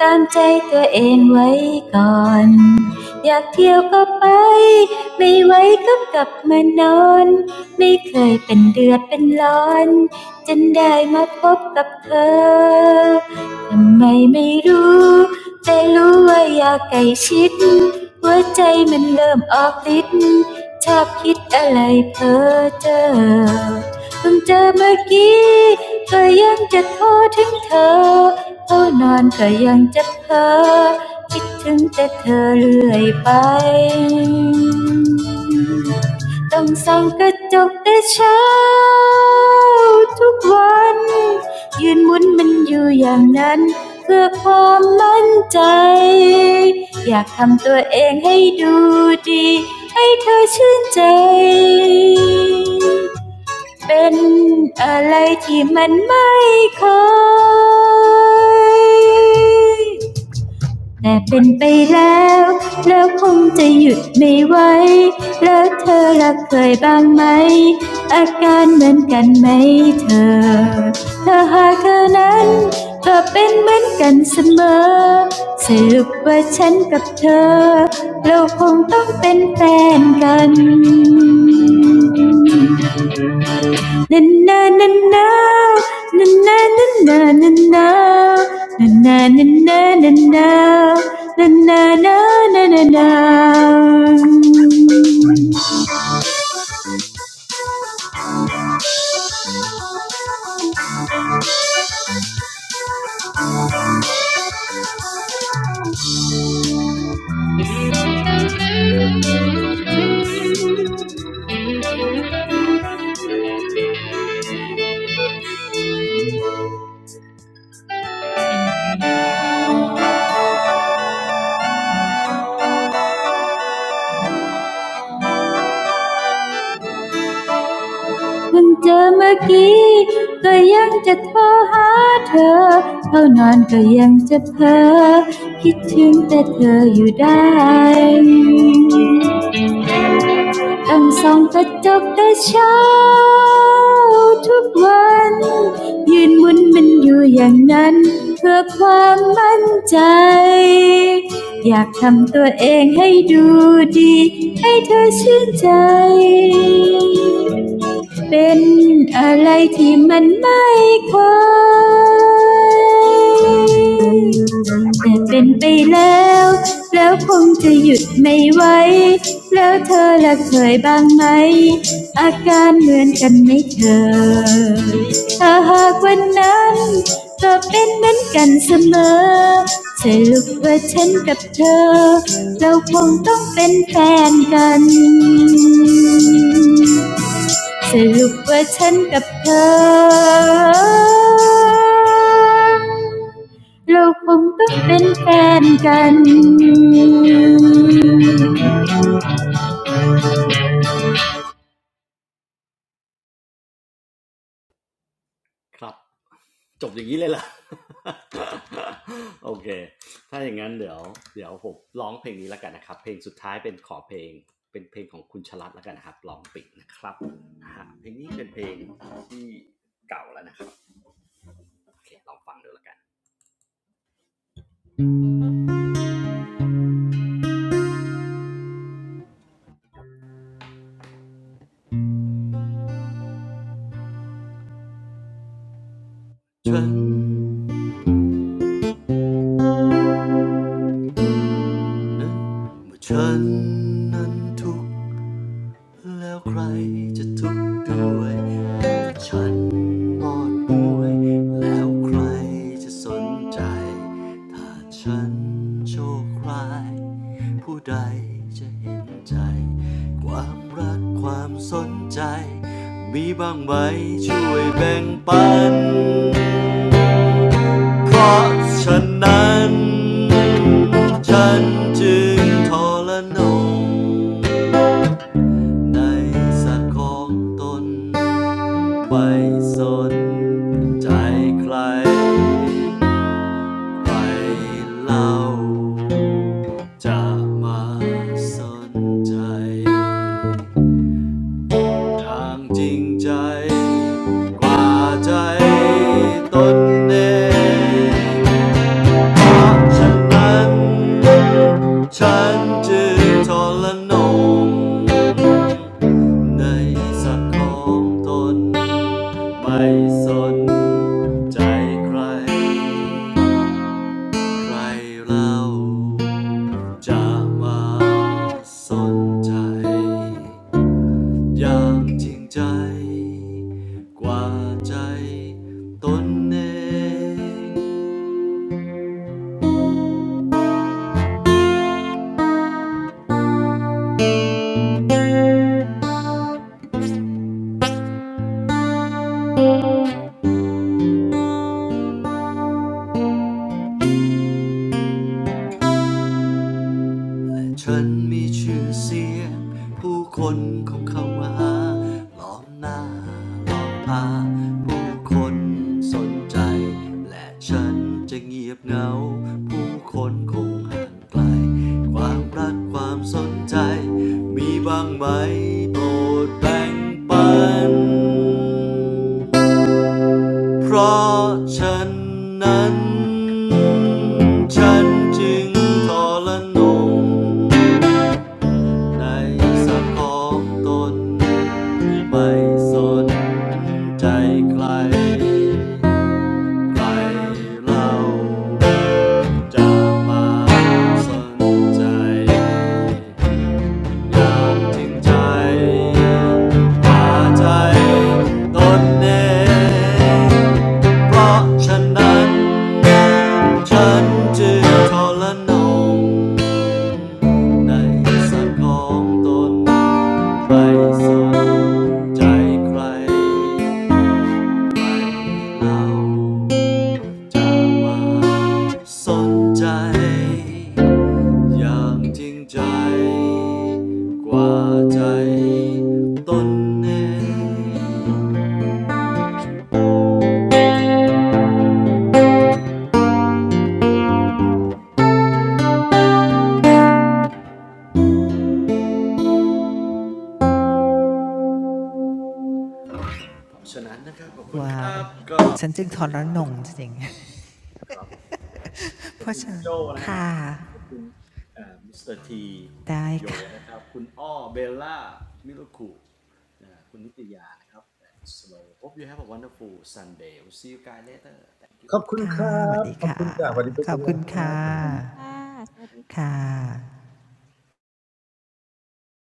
Speaker 4: ตามใจตัวเองไว้ก่อนอยากเที่ยวก็ไปไม่ไหวก็กลับมานอนไม่เคยเป็นเดือดเป็นร้อนจนได้มาพบกับเธอทำไมไม่รู้แต่รู้ว่าอยากใกล้ชิดหัวใจมันเริ่มออกฤทธิ์ ชอบคิดอะไรเพ้อเจอเพิ่งเจอเมื่อกี้ ก็ยังจะโทษถึงเธอเข้านอนก็ยังจะเพ้อคิดถึงแต่เธอเรื่อยไป ต้องส่องกระจกแต่เช้าทุกวันยืนหมุนมันอยู่อย่างนั้นเพื่อความมั่นใจอยากทำตัวเองให้ดูดีให้เธอชื่นใจเป็นอะไรที่มันไม่เคย แต่เป็นไปแล้วแล้วคงจะหยุดไม่ไหวแล้วเธอรักเคยบ้างไหมอาการเหมือนกันไหมเธอถ้าหากเธอนั้นก็เป็นเหมือนกันเสมอสรุปว่าฉันกับเธอเราคงต้องเป็นแฟนกัน นานานานานานานานานานานานานานานานานานานานาเพิ่งเจอเมื่อกี้ก็ยังจะโทรหาเธอเข้านอนก็ยังจะเพ้อคิดถึงแต่เธออยู่ได้ ตั้งส่องกระจกแต่เช้าทุกวันยืนหมุนมันอยู่อย่างนั้นเพื่อความมั่นใจอยากทำตัวเองให้ดูดีให้เธอชื่นใจเป็นอะไรที่มันไม่เคย แต่เป็นไปแล้วแล้วคงจะหยุดไม่ไหวแล้วเธอละเคยบ้างไหมอาการเหมือนกันไหมเธอถ้าหากวันนั้นก็เป็นเหมือนกันเสมอสรุปว่าฉันกับเธอเราคงต้องเป็นแฟนกัน สรุปว่าฉันกับเธอเราคงต้องเป็นแฟนกัน
Speaker 2: โอเคถ้าอย่างนั้นเดี๋ยวเดี๋ยวผมร้องเพลงนี้แล้วกันนะครับเพลงสุดท้ายเป็นขอเพลงเป็นเพลงของคุณชลัดแล้วกันนะครับร้องปิดนะครับเพลงนี้เป็นเพลงฉันเมื่อฉันนั้นทุก แล้วใครจะทุกข์ด้วยเมื่อฉันหมอดป่วย แล้วใครจะสนใจถ้าฉันโชคร้าย ผู้ใดจะเห็นใจความรักความสนใจ มีบ้างไหมช่วยแบ่งปัน เพราะฉะนั้นฉันจึงทรนง ในสัตว์ของตนไม่สนใจใครใครเล่าจะมาสนใจทางจริงใจกว่าใจตนเองเพราะฉะนั้นฉันจึงทรนง ในสักของตนไม่สนใจใครใครเล่าจะมาสนใจอย่างจริงใจกว่าใจตนเอง ฉันมีชื่อเสียงผู้คนคงเข้ามาหาล้อมหน้าล้อมตาผู้คนสนใจและฉันจะเงียบเหงาผู้คนคงห่างไกลความรักความสนใจมีบ้างไหมโปรดแบ่งปันเพราะฉันนั้นฉันจึงทรนง ในสักของตนไม่สนใจใครใครเล่าจะมาสนใจอยากจริงใจหาใจตนเองเพราะฉะนั้นฉันจึงทรนงในสักของตน ไม่สนใจใครไม่เราจะมาสนใจอย่างจริงใจกว่าใจตนเองฉะนั้นนะครับขอบคุณค
Speaker 1: ว้าว
Speaker 2: รับก็
Speaker 1: ฉันจึงทอนร้อนนงจริงๆ
Speaker 2: ข
Speaker 1: เพ
Speaker 2: อบ
Speaker 1: ราะ
Speaker 2: คุณ
Speaker 1: ฉัน
Speaker 2: โจ้นะฮะ
Speaker 1: ค่ะ
Speaker 2: ขอบคุณมิสเตอร์ที
Speaker 1: ได้
Speaker 2: โย
Speaker 1: ค่ะ
Speaker 2: นะครับคุณอ้อเบลล่ามิลคุ คุณนิตยานะครับ and slow hope you have a wonderful Sunday we'll see you guys later
Speaker 1: ค่ะสวัสดีค่ะขอบคุณค่ะค่ะ